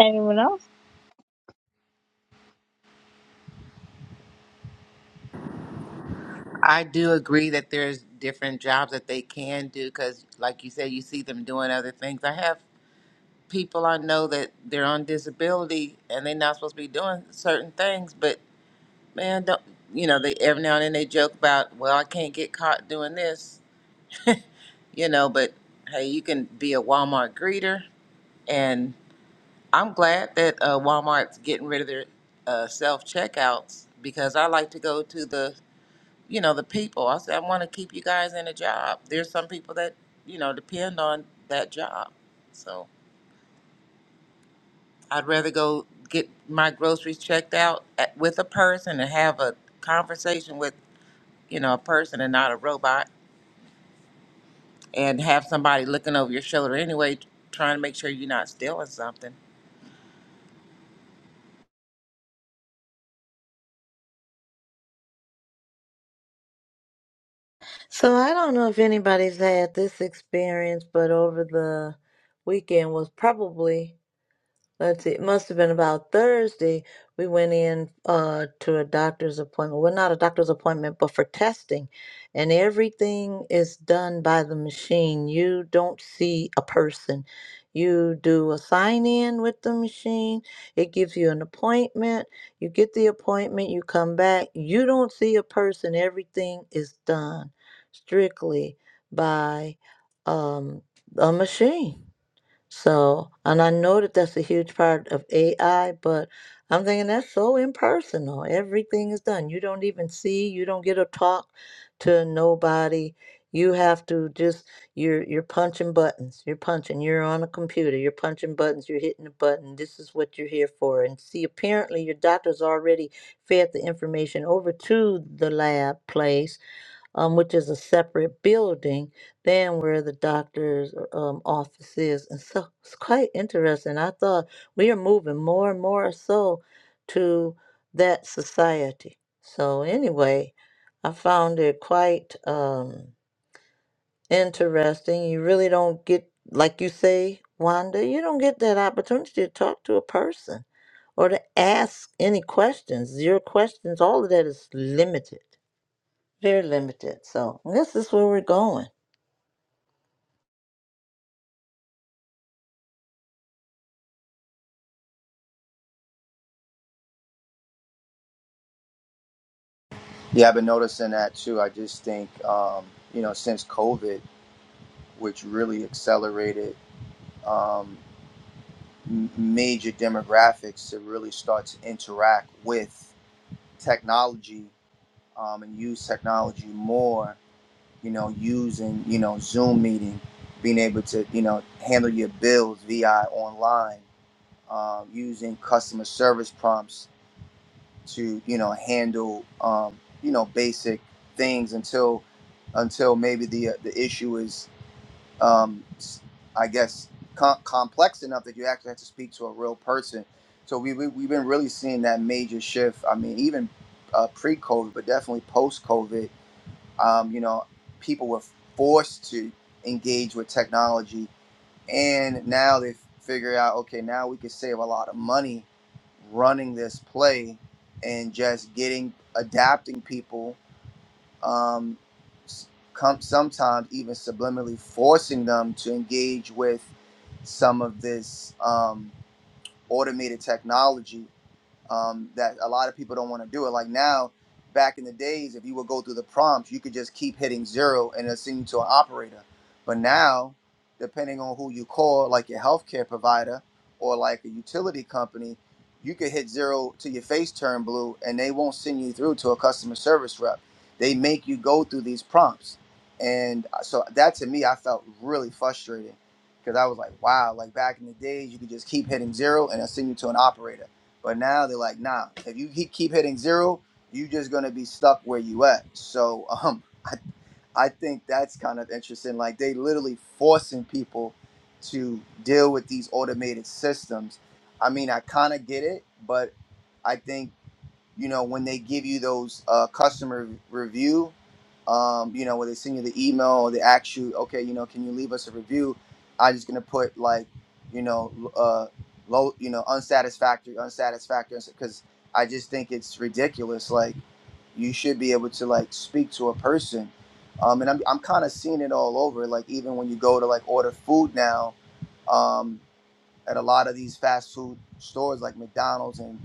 H: Anyone else?
G: I do agree that there's different jobs that they can do because, like you said, you see them doing other things. I have people I know that they're on disability and they're not supposed to be doing certain things, but man, don't you know, they every now and then they joke about, well, I can't get caught doing this, you know, but hey, you can be a Walmart greeter and I'm glad that uh, Walmart's getting rid of their uh, self checkouts because I like to go to the, you know, the people. I said I want to keep you guys in a job. There's some people that, you know, depend on that job. So I'd rather go get my groceries checked out at, with a person and have a conversation with, you know, a person and not a robot and have somebody looking over your shoulder anyway, t- trying to make sure you're not stealing something.
B: So I don't know if anybody's had this experience, but over the weekend was probably let's see, it must have been about Thursday. We went in uh, to a doctor's appointment. Well, not a doctor's appointment, but for testing. And everything is done by the machine. You don't see a person. You do a sign in with the machine, it gives you an appointment. You get the appointment, you come back. You don't see a person. Everything is done strictly by um, a machine. So, and I know that that's a huge part of AI, but I'm thinking that's so impersonal. Everything is done. You don't even see, you don't get to talk to nobody. You have to just you're you're punching buttons. You're punching. You're on a computer. You're punching buttons. You're hitting a button. This is what you're here for. And see, apparently your doctor's already fed the information over to the lab place um, which is a separate building than where the doctor's um, office is. And so it's quite interesting. I thought we are moving more and more so to that society. So, anyway, I found it quite um, interesting. You really don't get, like you say, Wanda, you don't get that opportunity to talk to a person or to ask any questions. Your questions, all of that is limited. Very limited. So this is where we're going.
J: Yeah, I've been noticing that too. I just think um, you know since COVID, which really accelerated um, m- major demographics to really start to interact with technology um, and use technology more you know, using, you know, Zoom meeting, being able to, you know, handle your bills via online, um, using customer service prompts to, you know, handle, um, you know, basic things until, until maybe the uh, the issue is, um, s- I guess, com- complex enough that you actually have to speak to a real person. So we, we we've been really seeing that major shift. I mean, even uh, pre-COVID, but definitely post-COVID um, you know, people were forced to engage with technology, and now they figure out, okay, now we can save a lot of money running this play and just getting adapting people. Um, s- sometimes even subliminally forcing them to engage with some of this um, automated technology um, that a lot of people don't want to do it. Like now, back in the days, if you would go through the prompts, you could just keep hitting zero and it'll send you to an operator. But now, depending on who you call, like your healthcare provider or like a utility company, you could hit zero till your face turn blue and they won't send you through to a customer service rep. They make you go through these prompts. And uh, so that to me, I felt really frustrated because I was like, wow, like back in the days, you could just keep hitting zero and it'll send you to an operator but now they're like, nah, if you he- keep hitting zero, you're just gonna be stuck where you at. So um, I, I think that's kind of interesting. Like they literally forcing people to deal with these automated systems. I mean, I kind of get it, but I think you know when they give you those uh, customer review um, you know where they send you the email or they ask you okay you know can you leave us a review i just gonna put like you know uh, low you know unsatisfactory unsatisfactory because i just think it's ridiculous like you should be able to like speak to a person um, and i'm, I'm kind of seeing it all over like even when you go to like order food now um, at a lot of these fast food stores like McDonald's and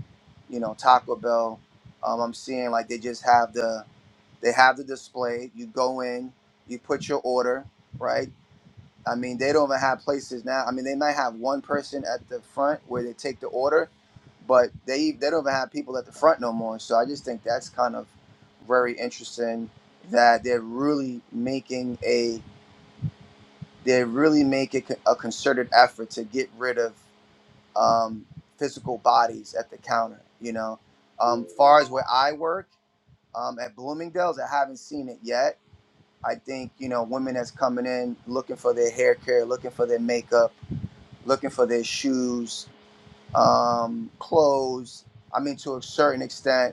J: you know Taco Bell. Um, I'm seeing like they just have the they have the display. You go in, you put your order, right? I mean, they don't even have places now. I mean, they might have one person at the front where they take the order, but they they don't even have people at the front no more. So I just think that's kind of very interesting that they're really making a they really make a, a concerted effort to get rid of um, physical bodies at the counter. You know, um, far as where I work um, at Bloomingdale's, I haven't seen it yet. I think you know women that's coming in looking for their hair care, looking for their makeup, looking for their shoes, um, clothes. I mean, to a certain extent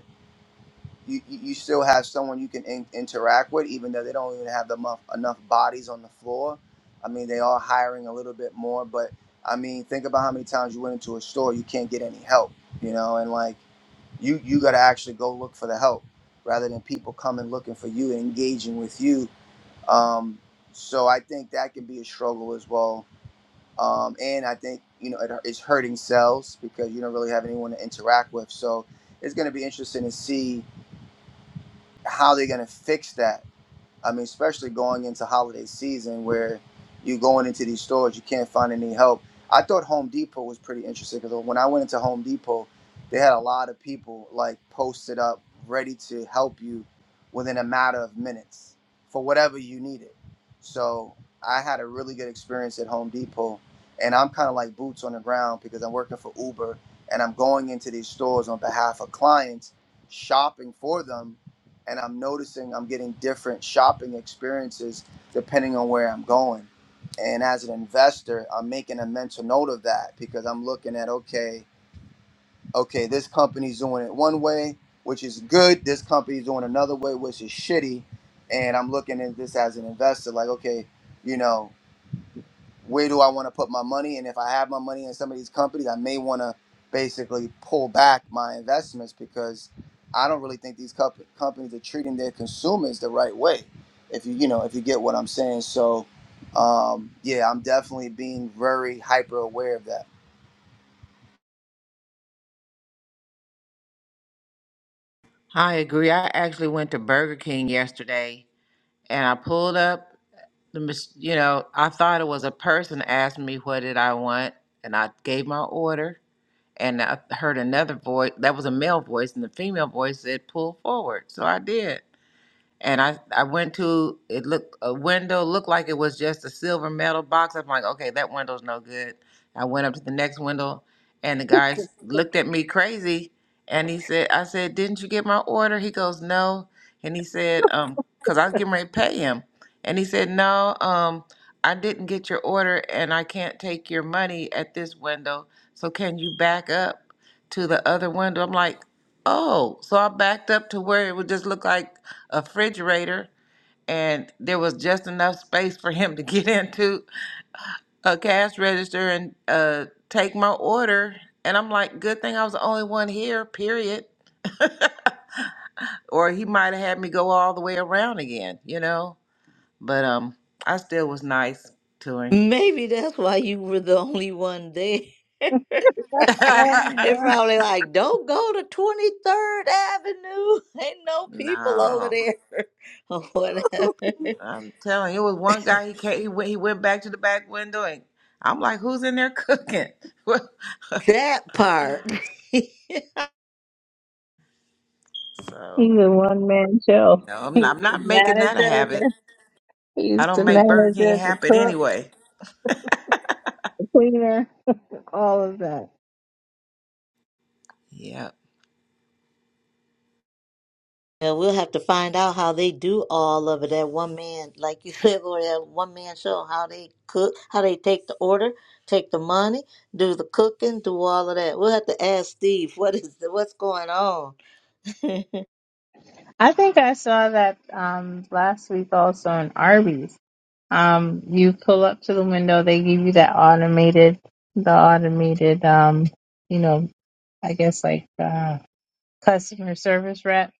J: you, you still have someone you can in, interact with, even though they don't even have enough enough bodies on the floor. I mean, they are hiring a little bit more, but I mean, think about how many times you went into a store you can't get any help, you know, and like you you got to actually go look for the help rather than people coming looking for you and engaging with you. Um, so I think that can be a struggle as well, um, and I think you know it, it's hurting sales because you don't really have anyone to interact with. So it's going to be interesting to see how they're going to fix that. I mean, especially going into holiday season where you're going into these stores, you can't find any help. I thought Home Depot was pretty interesting because when I went into Home Depot, they had a lot of people like posted up ready to help you within a matter of minutes for whatever you needed. So I had a really good experience at Home Depot, and I'm kind of like boots on the ground because I'm working for Uber and I'm going into these stores on behalf of clients, shopping for them and I'm noticing I'm getting different shopping experiences depending on where I'm going. And as an investor, I'm making a mental note of that because I'm looking at okay, okay, this company's doing it one way, which is good. This company's doing another way, which is shitty. And I'm looking at this as an investor, like okay, you know where do I want to put my money? And if I have my money in some of these companies, I may want to basically pull back my investments because I don't really think these comp- companies are treating their consumers the right way. If you you know if you get what I'm saying, so um, yeah, I'm definitely being very hyper aware of that.
G: I agree. I actually went to Burger King yesterday and I pulled up the mach- you know, I thought it was a person asked me what did I want, and I gave my order, and I heard another voice that was a male voice, and the female voice said pull forward, so I did. and I I went to it looked a window looked like it was just a silver metal box. I'm like, okay, that window's no good. I went up to the next window, and the guy s- looked at me crazy, and he said, I said, didn't you get my order? He goes, no, and he said, um, cause I was getting ready to pay him, and he said, no, um, I didn't get your order, and I can't take your money at this window. So can you back up to the other window? I'm like, oh, so I backed up to where it would just look like a refrigerator and there was just enough space for him to get into a cash register and uh, take my order. And I'm like, good thing I was the only one here, period. or he might have had me go all the way around again, you know? But um, I still was nice to him.
B: Maybe that's why you were the only one there. It probably like, don't go to 23rd Avenue. Ain't no people over
G: no,
B: there or whatever.
G: I'm telling you, it was one guy, he, came, he, went, he went back to the back window and I'm like, who's in there cooking?
B: That part.
G: so,
H: He's a one man show.
G: no, I'm
H: He's
G: not, I'm
H: the
G: not making that a
H: manager.
G: habit. I
H: He's
G: don't
H: the
G: make Burger King
H: manager, the
G: happen
H: cook,
G: anyway.
H: the cleaner. all of that.
G: Yeah.
B: And we'll have to find out how they do all of it. That one man, like you said, or that one man show, how they cook, how they take the order, take the money, do the cooking, do all of that. We'll have to ask Steve what is the, what's going on.
H: I think I saw that um, last week also in Arby's. Um, you pull up to the window, they give you that automated, the automated, um, you know, I guess like uh, customer service rep,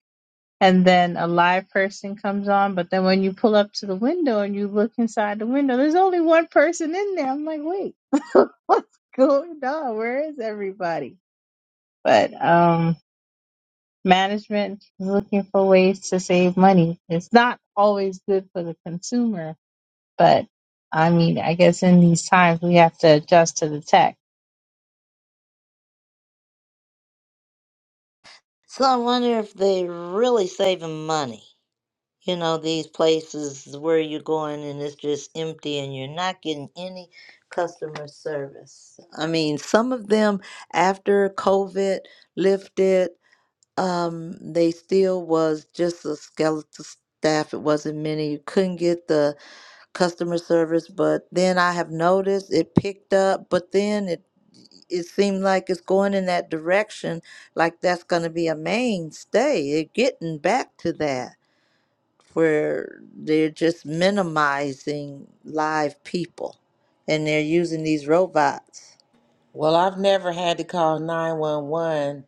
H: and then a live person comes on. But then when you pull up to the window and you look inside the window, there's only one person in there. I'm like, wait, what's going on? Where is everybody? But um, management is looking for ways to save money. It's not always good for the consumer, but I mean, I guess in these times we have to adjust to the tech.
B: so I wonder if they really saving money. You know, these places where you're going and it's just empty and you're not getting any customer service. I mean, some of them after COVID lifted Um, they still was just a skeleton staff. It wasn't many. You couldn't get the customer service, but then I have noticed it picked up, but then it it seemed like it's going in that direction, like that's going to be a mainstay. They're getting back to that where they're just minimizing live people and they're using these robots.
G: Well, I've never had to call 911,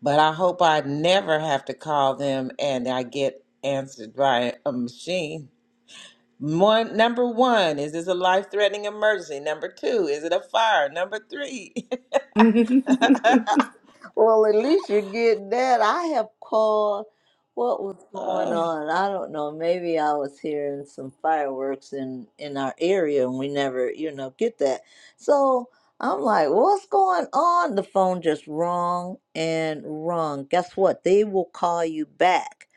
G: but I hope I never have to call them and I get answered by a machine. One, number one, is this a life threatening emergency? Number two, is it a fire? Number three.
B: Well, at least you get that. I have called. What was going
G: oh,
B: on? I don't know. Maybe I was hearing some fireworks in in our area, and we never, you know, get that. So I'm like, what's going on? The phone just rung and rung. Guess what? They will call you back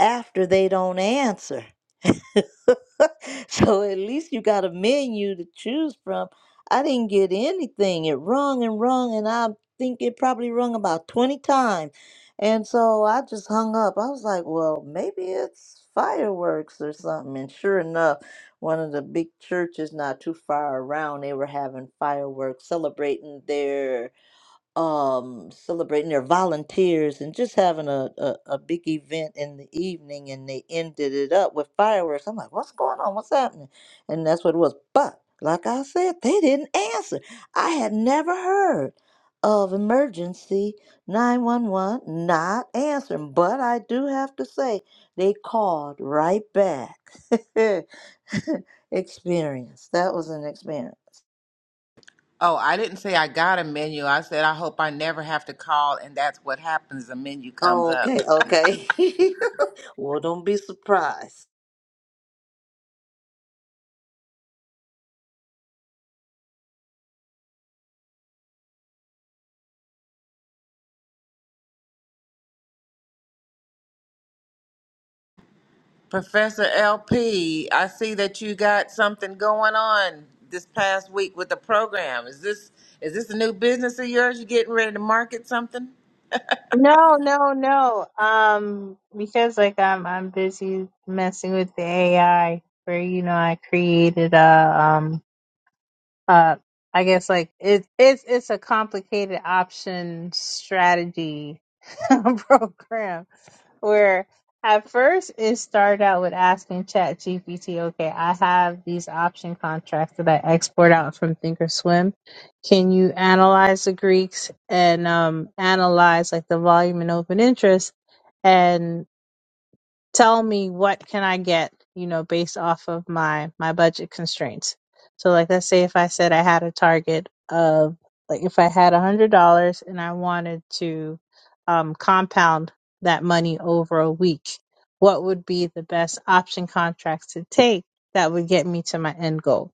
B: after they don't answer. so at least you got a menu to choose from. I didn't get anything. It rung and rung, and I think it probably rung about 20 times. And so I just hung up. I was like, well, maybe it's fireworks or something. And sure enough, one of the big churches not too far around, they were having fireworks celebrating their um celebrating their volunteers and just having a, a a big event in the evening and they ended it up with fireworks i'm like what's going on what's happening and that's what it was but like i said they didn't answer i had never heard of emergency 911 not answering but i do have to say they called right back experience that was an experience
G: Oh, I didn't say I got a menu. I said I hope I never have to call, and that's what happens. A menu comes up.
B: Okay, okay. Well, don't be surprised.
G: Professor LP, I see that you got something going on this past week with the program. Is this is this a new business of yours? You getting ready to market something?
H: No, no, no. Um, because like I'm I'm busy messing with the AI where you know I created a um uh I guess like it, it's it's a complicated option strategy program where at first it started out with asking ChatGPT, okay, I have these option contracts that I export out from thinkorswim can you analyze the greeks and um, analyze like the volume and open interest tell me what can I get, you know, based off of my my budget constraints. So like let's say if I said I had a target of like if I had a hundred dollars and I wanted to um, compound that money over a week, what would be the best option contracts to take that would get me to my end goal?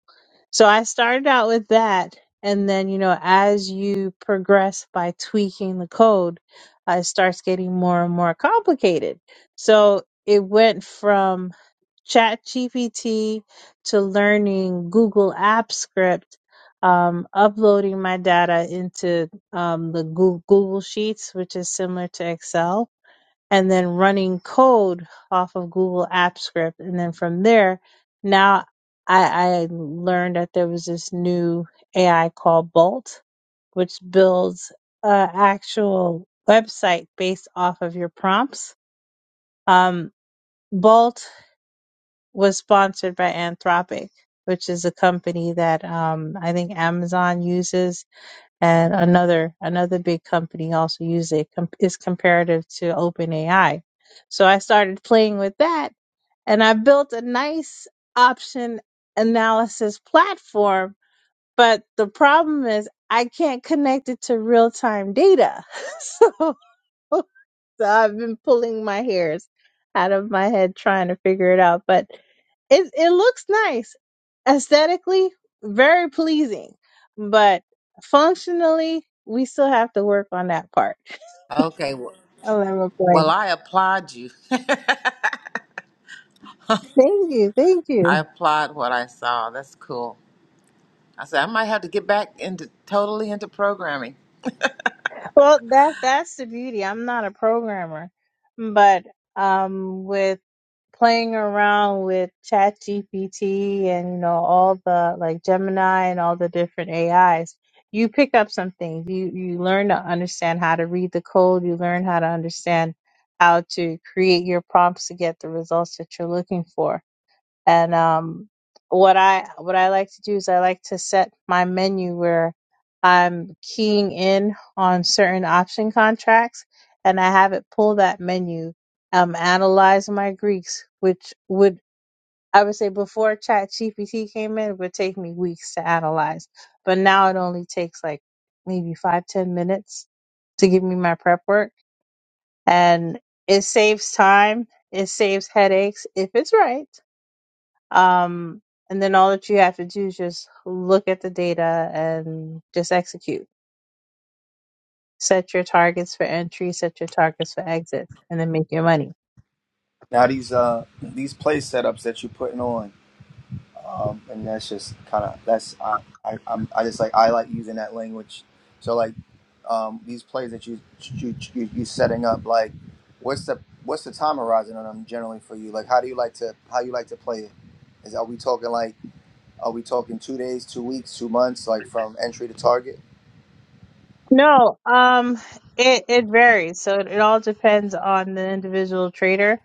H: So I started out with that. And then, you know, as you progress by tweaking the code, uh, it starts getting more and more complicated. So it went from ChatGPT to learning Google App Script, um, uploading my data into um, the Goo- Google Sheets, which is similar to Excel and then running code off of Google Apps Script. And then from there, now I, I learned that there was this new AI called Bolt, which builds an actual website based off of your prompts. Um, Bolt was sponsored by Anthropic, which is a company that um, I think Amazon uses and another another big company also uses it. Com- It's comparative to OpenAI. So I started playing with that, and I built a nice option analysis platform. But the problem is I can't connect it to real time data. so so I've been pulling my hairs out of my head trying to figure it out. But it it looks nice aesthetically, very pleasing, but functionally, we still have to work on that part.
G: Okay. Well,
H: I love a
G: well
H: point.
G: I applaud you. I
H: Thank you, thank you.
G: applaud what I saw. That's cool. I said I might have to get back into totally into programming.
H: Well, that that's the beauty. I'm not a programmer, but um, with playing around with Chat GPT and you know all the like Gemini and all the different AIs, you pick up some things. You you learn to understand how to read the code. You learn how to understand how to create your prompts to get the results that you're looking for. And um, what I what I like to do is I like to set my menu where I'm keying in on certain option contracts, and I have it pull that menu, um, analyze my Greeks, which would I would say before ChatGPT came in, it would take me weeks to analyze, but now it only takes like maybe five ten minutes to give me my prep work, and it saves time, it saves headaches if it's right um, and then all that you have to do is just look at the data and just execute. Set your targets for entry, set your targets for exit, and then make your money.
J: Now these uh these play setups that you're putting on. um, and that's just kind of that's I, I I'm, I just like I like using that language. So like um, these plays that you you you you setting up, like what's the what's the time horizon on them generally for you? Like how do you like to how you like to play it? Is are we talking like are we talking two days, two weeks, two months, like from entry to target?
H: No, um, it it varies. So it, it all depends on the individual trader.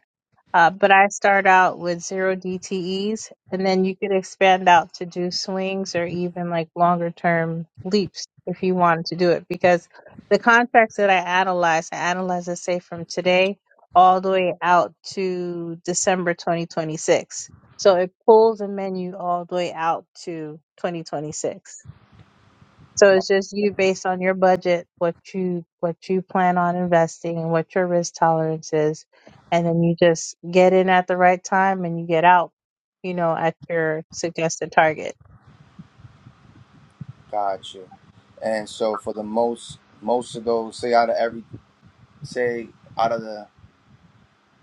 H: Uh, but I start out with zero DTEs, and then you could expand out to do swings or even like longer term leaps if you wanted to do it. Because the contracts that I analyze, I analyze, let's say, from today all the way out to December 2026. So it pulls a menu all the way out to 2026. So it's just you based on your budget, what you what you plan on investing and what your risk tolerance is. And then you just get in at the right time and you get out, you know, at your suggested target.
J: Gotcha. And so for the most most of those, say out of every say out of the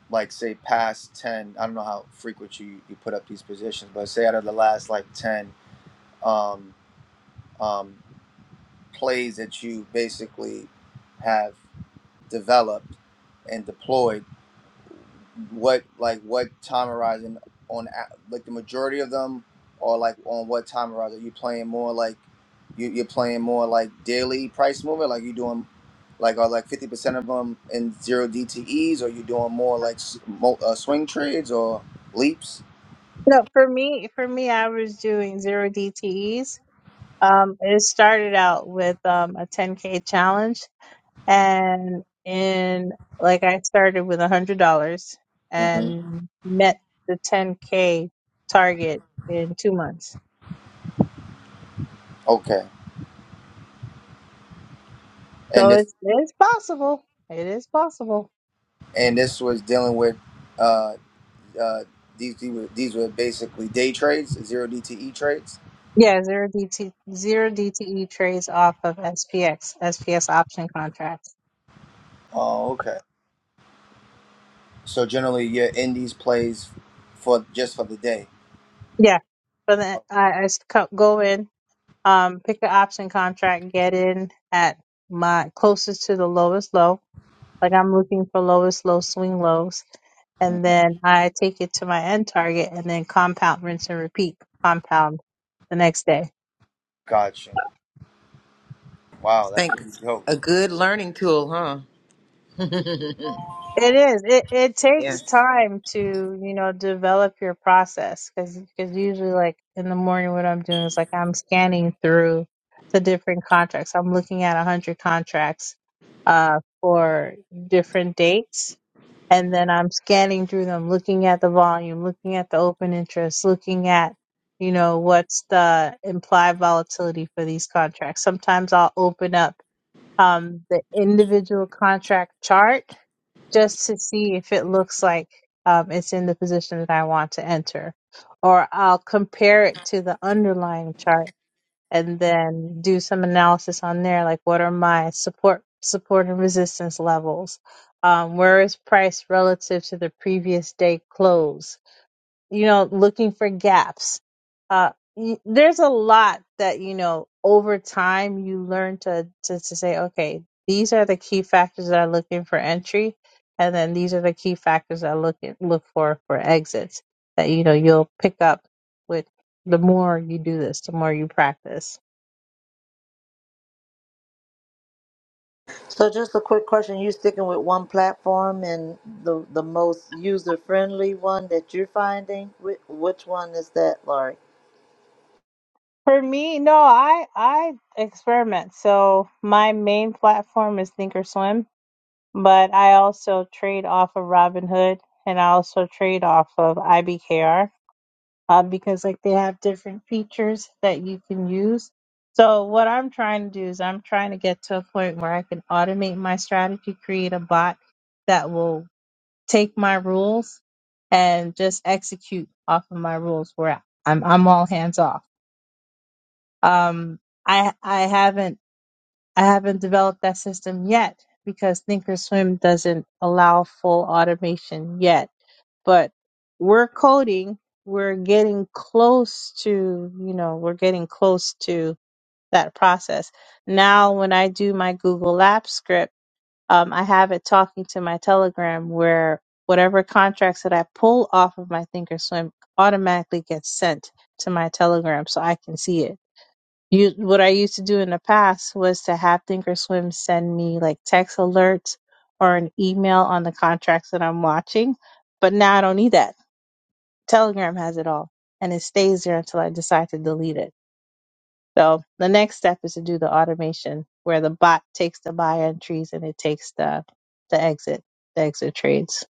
J: like say past 10 i don't know how frequent you, you put up these positions but say out of the last like 10 um, um, plays that you basically have developed and deployed what like what time horizon on a- like the majority of them or like on what time horizon Are you playing more like you, you're playing more like daily price movement like you doing like are like 50% of them in zero dtes or you doing more like s- mo- uh, swing trades or leaps
H: No, for me for me I was doing zero DTEs. Um it started out with um a ten K challenge and in like I started with a hundred dollars
J: hmm
H: and met the ten K target in two months
J: Okay, and
H: So
J: this
H: it's it's possible. It is possible.
J: and this was dealing with uh, uh, these these were, these were basically day trades, zero DTE trades.
H: Yeah, zero DT zero DTE trades off of S P X S P S option contracts.
J: Oh, okay. So generally, you're in these plays for just for the day.
H: Yeah, so then I, I s- co- go in, um, pick the option contract, get in at my closest to the lowest low. Like I'm looking for lowest low swing lows,
J: Mhm.
H: and then I take it to my end target, and then compound, rinse, and repeat. Compound the next day.
J: Gotcha. Wow, that's
G: Think
J: pretty dope.
G: a good learning tool, huh?
H: It is. It it takes
G: yes.
H: time to, you know, develop your process because usually like in the morning what I'm doing is like I'm scanning through the different contracts. I'm looking at 100 contracts uh for different dates and then I'm scanning through them, looking at the volume, looking at the open interest, looking at you know what's the implied volatility for these contracts. Sometimes I'll open up um the individual contract chart just to see if it looks like um, it's in the position that I want to enter. Or I'll compare it to the underlying chart and then do some analysis on there, like what are my support support and resistance levels? Um, where is price relative to the previous day close? you know, looking for gaps. Uh, y- there's a lot that, you know, over time you learn to, to, to say, okay, these are the key factors that are looking for entry. And then these are the key factors that I look at, look for for exits that, you know, you'll pick up with the more you do this, the more you practice.
B: So just a quick question, you sticking with one platform and the the most user-friendly one that you're finding? Which, which one is that, Laurie?
H: For me, no, I, I experiment. So my main platform is Thinkorswim but I also trade off of Robinhood and I also trade off of IBKR uh, because like they have different features that you can use. So what I'm trying to do is I'm trying to get to a point where I can automate my strategy, create a bot that will take my rules and just execute off of my rules where I'm I'm all hands off. Um, I I haven't I haven't developed that system yet because Thinkorswim doesn't allow full automation yet. But we're coding, we're getting close to, you know, we're getting close to that process. Now, when I do my Google Lab script, um, I have it talking to my Telegram where whatever contracts that I pull off of my Thinkorswim automatically gets sent to my Telegram so I can see it you, what I used to do in the past was to have Thinkorswim send me like text alerts or an email on the contracts that I'm watching, but now I don't need that. Telegram has it all, and it stays there until I decide to delete it. So the next step is to do the automation where the bot takes the buy entries and it takes the the exit, the exit trades.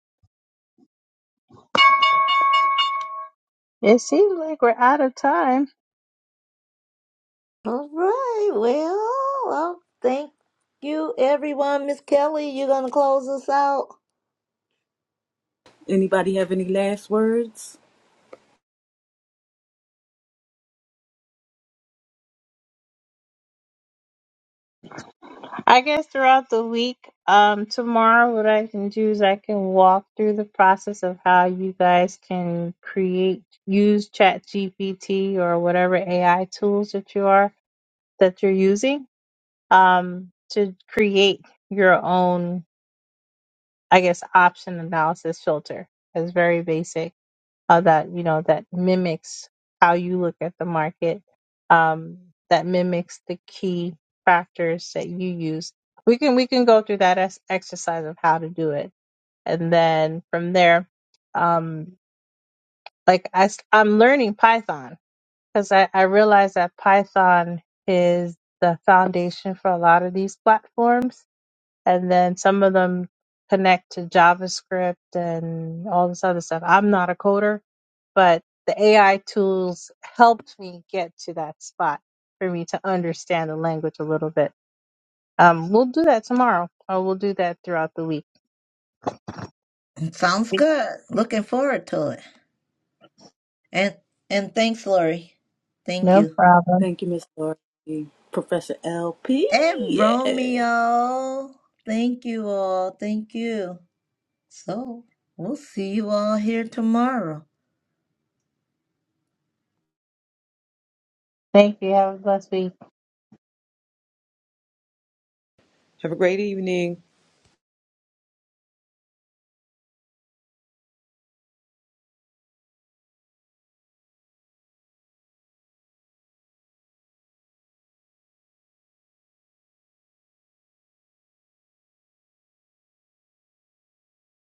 H: It seems like we're out of time.
B: All right. Well, well, thank you everyone. Miss Kelly, you gonna close us out?
A: Anybody have any last words?
H: I guess throughout the week, um, tomorrow, what I can do is I can walk through the process of how you guys can create, use ChatGPT or whatever AI tools that you are that you're using, um, to create your own, I guess, option analysis filter. It's very basic uh, that you know that mimics how you look at the market um, that mimics the key factors that you use we can we can go through that as exercise of how to do it and then from there um, like I, am learning python because I, I realize that python is the foundation for a lot of these platforms and then some of them connect to JavaScript and all this other stuff. I'm not a coder, but the AI tools helped me get to that spot for me to understand the language a little bit. Um, we'll do that tomorrow, or we'll do that throughout the week.
B: Sounds good. Looking forward to it. And and thanks, Laurie. Thank
H: No
B: you.
H: problem.
A: Thank you, Miss Laurie. Professor LP.
B: And
A: Yes.
B: Romeo. Thank you all. Thank you. So we'll see you all here tomorrow.
H: Thank you. Have a blessed week.
C: Have a great evening.